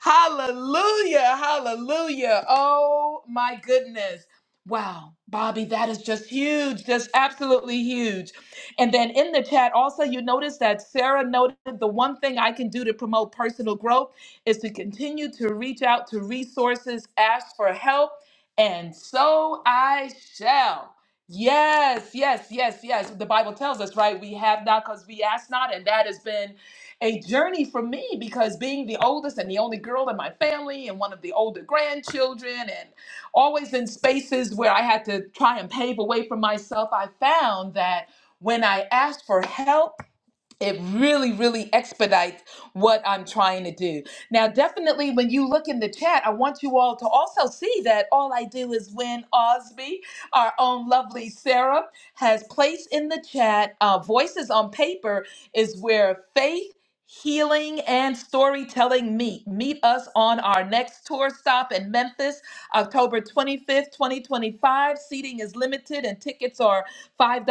[SPEAKER 1] hallelujah. Hallelujah. Oh my goodness. Wow, Bobby, that is just huge, just absolutely huge. And then in the chat, also, you notice that Sarah noted the one thing I can do to promote personal growth is to continue to reach out to resources, ask for help, and so I shall. Yes, yes, yes, yes. The Bible tells us, right? We have not because we ask not, and that has been a journey for me because being the oldest and the only girl in my family and one of the older grandchildren and always in spaces where I had to try and pave a way for myself, I found that when I asked for help, it really really expedites what i'm trying to do now definitely when you look in the chat i want you all to also see that all i do is win osby our own lovely sarah has placed in the chat uh, voices on paper is where faith Healing and storytelling meet. Meet us on our next tour stop in Memphis, October 25th, 2025. Seating is limited and tickets are $5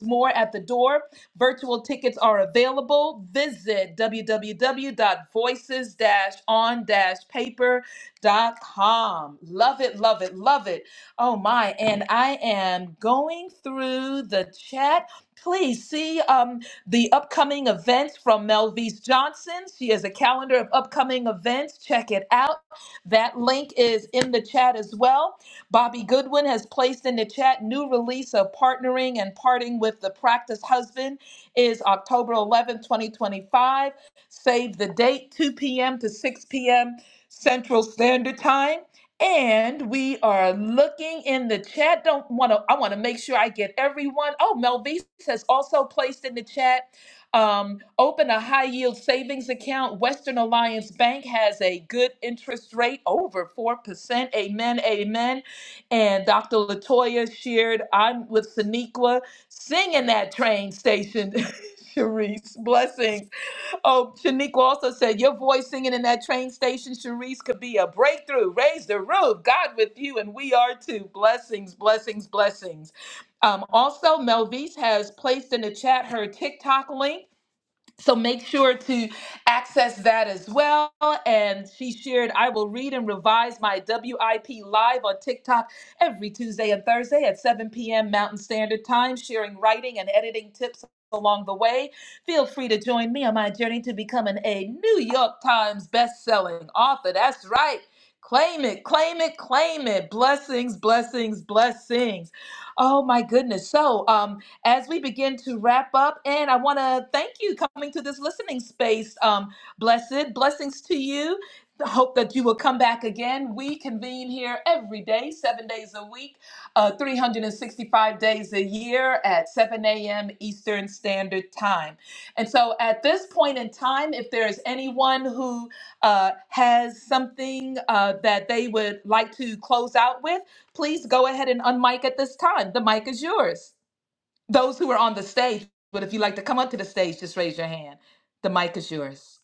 [SPEAKER 1] more at the door. Virtual tickets are available. Visit www.voices-on-paper.com. Love it, love it, love it. Oh my, and I am going through the chat. Please see um, the upcoming events from Melvise Johnson. She has a calendar of upcoming events. Check it out. That link is in the chat as well. Bobby Goodwin has placed in the chat new release of Partnering and Parting with the Practice Husband is October 11th, 2025. Save the date, 2 p.m. to 6 p.m. Central Standard Time. And we are looking in the chat. Don't want to, I want to make sure I get everyone. Oh, Melvise has also placed in the chat. Um, open a high yield savings account. Western Alliance Bank has a good interest rate, over 4%. Amen, amen. And Dr. Latoya shared, I'm with Sonequa. Sing in that train station, Sharice. Blessings. Oh, Shaniqua also said, Your voice singing in that train station, Sharice, could be a breakthrough. Raise the roof. God with you, and we are too. Blessings, blessings, blessings. Um, also, Melvise has placed in the chat her TikTok link. So make sure to access that as well. And she shared, I will read and revise my WIP live on TikTok every Tuesday and Thursday at 7 p.m. Mountain Standard Time, sharing writing and editing tips along the way. Feel free to join me on my journey to becoming a New York Times best-selling author. That's right. Claim it, claim it, claim it. Blessings, blessings, blessings. Oh my goodness. So, um as we begin to wrap up. And I want to thank you coming to this listening space. Um, blessed blessings to you. I Hope that you will come back again. We convene here every day, seven days a week, uh, 365 days a year at 7 a.m. Eastern Standard Time. And so at this point in time, if there is anyone who uh, has something uh, that they would like to close out with, please go ahead and unmic at this time. The mic is yours. Those who are on the stage, but if you'd like to come up to the stage, just raise your hand. The mic is yours.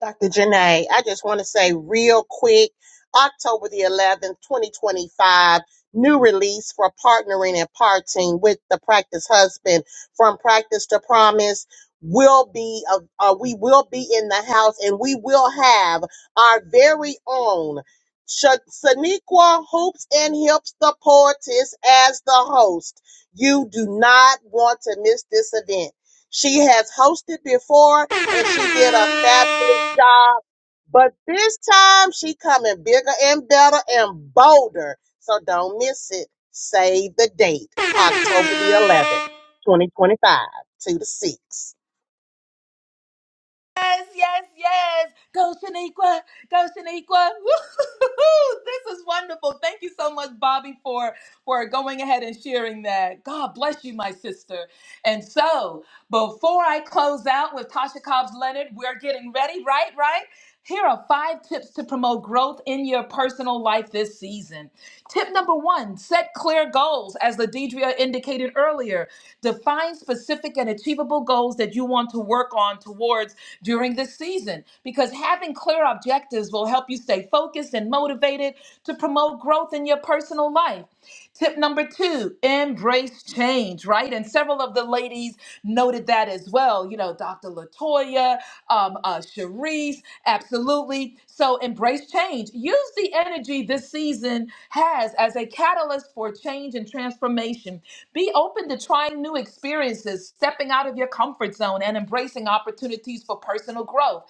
[SPEAKER 9] Dr. Janae, I just want to say real quick October the 11th, 2025, new release for partnering and parting with the practice husband from practice to promise will be uh, uh, we will be in the house and we will have our very own Sha- Shaniqua Hoops and Hips the poetess as the host. You do not want to miss this event. She has hosted before and she did a fabulous job. But this time she coming bigger and better and bolder. So don't miss it. Save the date, October the 11th, 2025, 2 to 6.
[SPEAKER 1] Yes, yes, yes. Go Shaniqua. Go Shaniqua. Woo-hoo-hoo-hoo. This is wonderful. Thank you so much, Bobby, for, for going ahead and sharing that. God bless you, my sister. And so, before I close out with Tasha Cobbs Leonard, we're getting ready, right? Right? Here are five tips to promote growth in your personal life this season. Tip number one set clear goals, as Ladidria indicated earlier. Define specific and achievable goals that you want to work on towards during this season, because having clear objectives will help you stay focused and motivated to promote growth in your personal life. Tip number two, embrace change, right? And several of the ladies noted that as well. You know, Dr. Latoya, um, uh, Cherise, absolutely. So embrace change. Use the energy this season has as a catalyst for change and transformation. Be open to trying new experiences, stepping out of your comfort zone, and embracing opportunities for personal growth.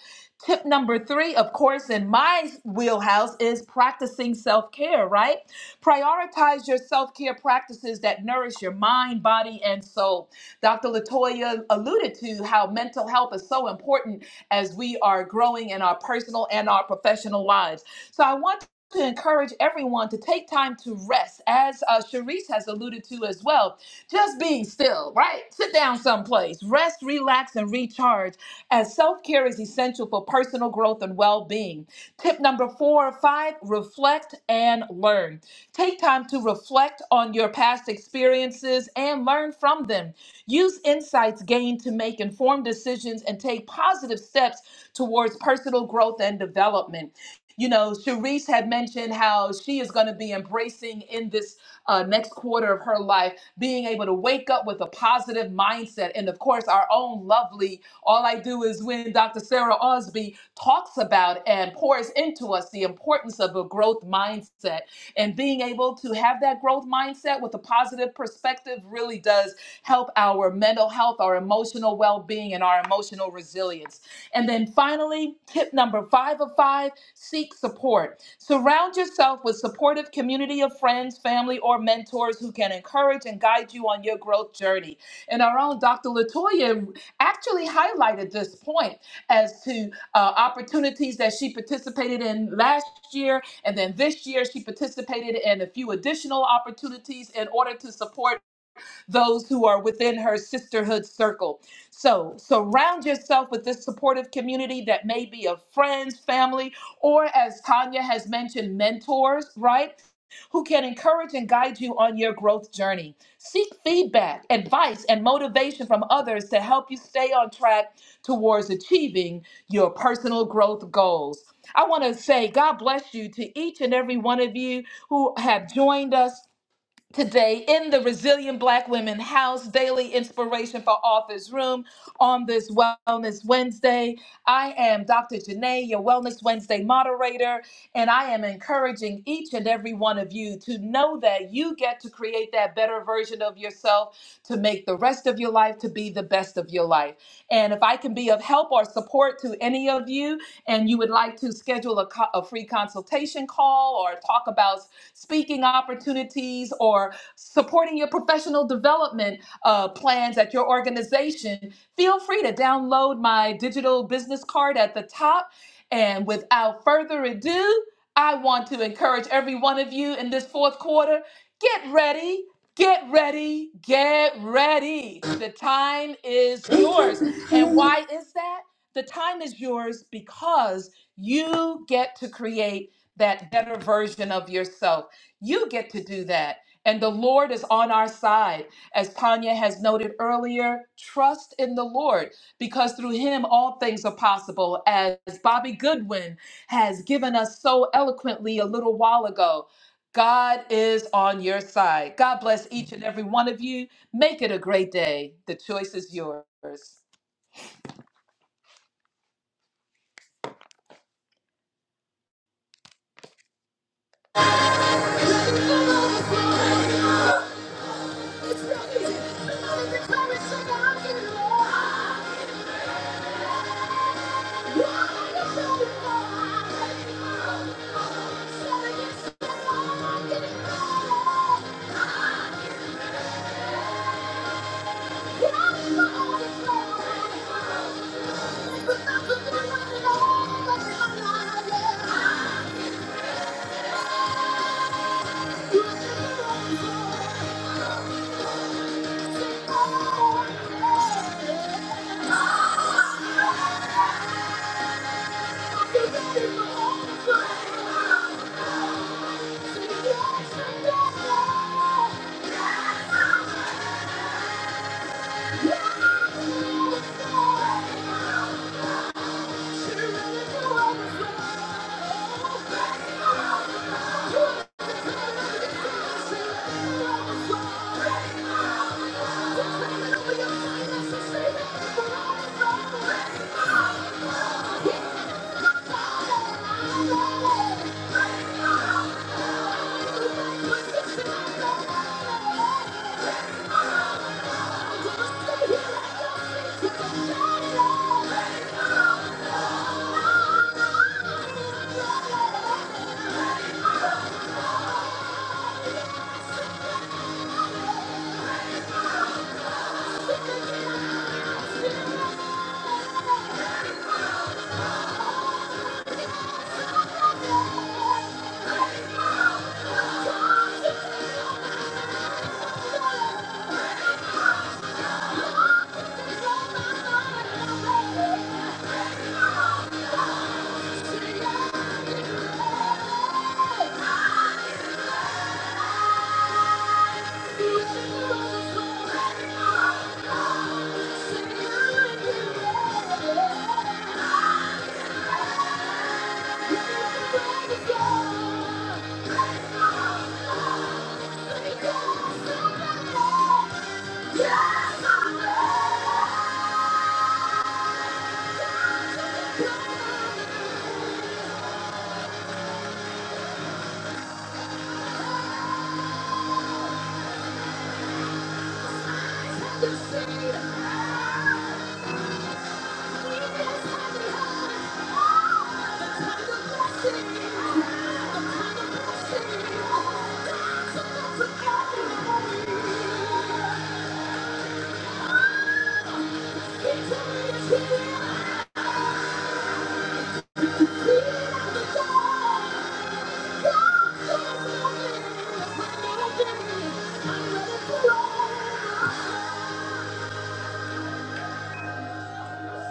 [SPEAKER 1] Tip number three, of course, in my wheelhouse is practicing self care, right? Prioritize your self care practices that nourish your mind, body, and soul. Dr. Latoya alluded to how mental health is so important as we are growing in our personal and our professional lives. So I want to encourage everyone to take time to rest, as uh, Sharice has alluded to as well. Just being still, right? Sit down someplace, rest, relax, and recharge, as self care is essential for personal growth and well being. Tip number four, five, reflect and learn. Take time to reflect on your past experiences and learn from them. Use insights gained to make informed decisions and take positive steps towards personal growth and development. You know, Cherise had mentioned how she is going to be embracing in this uh, next quarter of her life, being able to wake up with a positive mindset. And of course, our own lovely, all I do is when Dr. Sarah Osby talks about and pours into us the importance of a growth mindset and being able to have that growth mindset with a positive perspective really does help our mental health, our emotional well being, and our emotional resilience. And then finally, tip number five of five seek support. Surround yourself with supportive community of friends, family, or mentors who can encourage and guide you on your growth journey. And our own Dr. Latoya actually highlighted this point as to uh, opportunities that she participated in last year. And then this year, she participated in a few additional opportunities in order to support those who are within her sisterhood circle. So surround yourself with this supportive community that may be of friends, family, or as Tanya has mentioned, mentors, right? Who can encourage and guide you on your growth journey? Seek feedback, advice, and motivation from others to help you stay on track towards achieving your personal growth goals. I want to say God bless you to each and every one of you who have joined us today in the Resilient Black Women House Daily Inspiration for Authors Room on this Wellness Wednesday. I am Dr. Janae, your Wellness Wednesday moderator, and I am encouraging each and every one of you to know that you get to create that better version of yourself to make the rest of your life to be the best of your life. And if I can be of help or support to any of you, and you would like to schedule a, co- a free consultation call or talk about speaking opportunities or supporting your professional development uh, plans at your organization, feel free to download my digital business card at the top. And without further ado, I want to encourage every one of you in this fourth quarter get ready, get ready, get ready. The time is yours. And why is that? The time is yours because you get to create that better version of yourself. You get to do that. And the Lord is on our side. As Tanya has noted earlier, trust in the Lord because through him all things are possible. As Bobby Goodwin has given us so eloquently a little while ago, God is on your side. God bless each and every one of you. Make it a great day. The choice is yours. Thank you. Thank you. Yeah. Yeah! I'm ready to roll. God's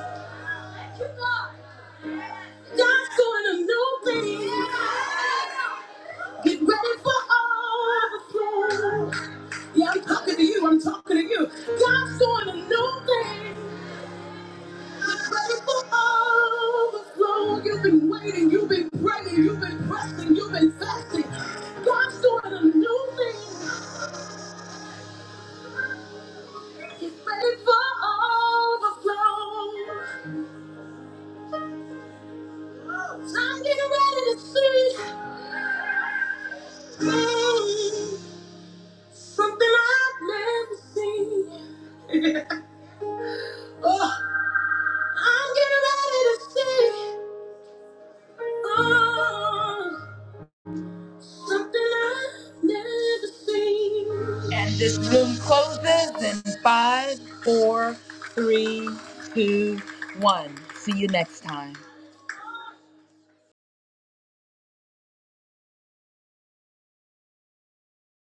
[SPEAKER 1] doing a new thing. Get ready for overflow. Yeah, I'm talking to you. I'm talking to you. God's doing a new thing. Get ready for overflow. You've been waiting. You've been praying. You've been pressing. You've been fasting. God's doing a new thing. Get ready for overflow. So I'm getting ready to see mm, something I've never seen. I'm getting ready to see oh, something I've never seen. And this room closes in five, four, three, two, one. See you next time.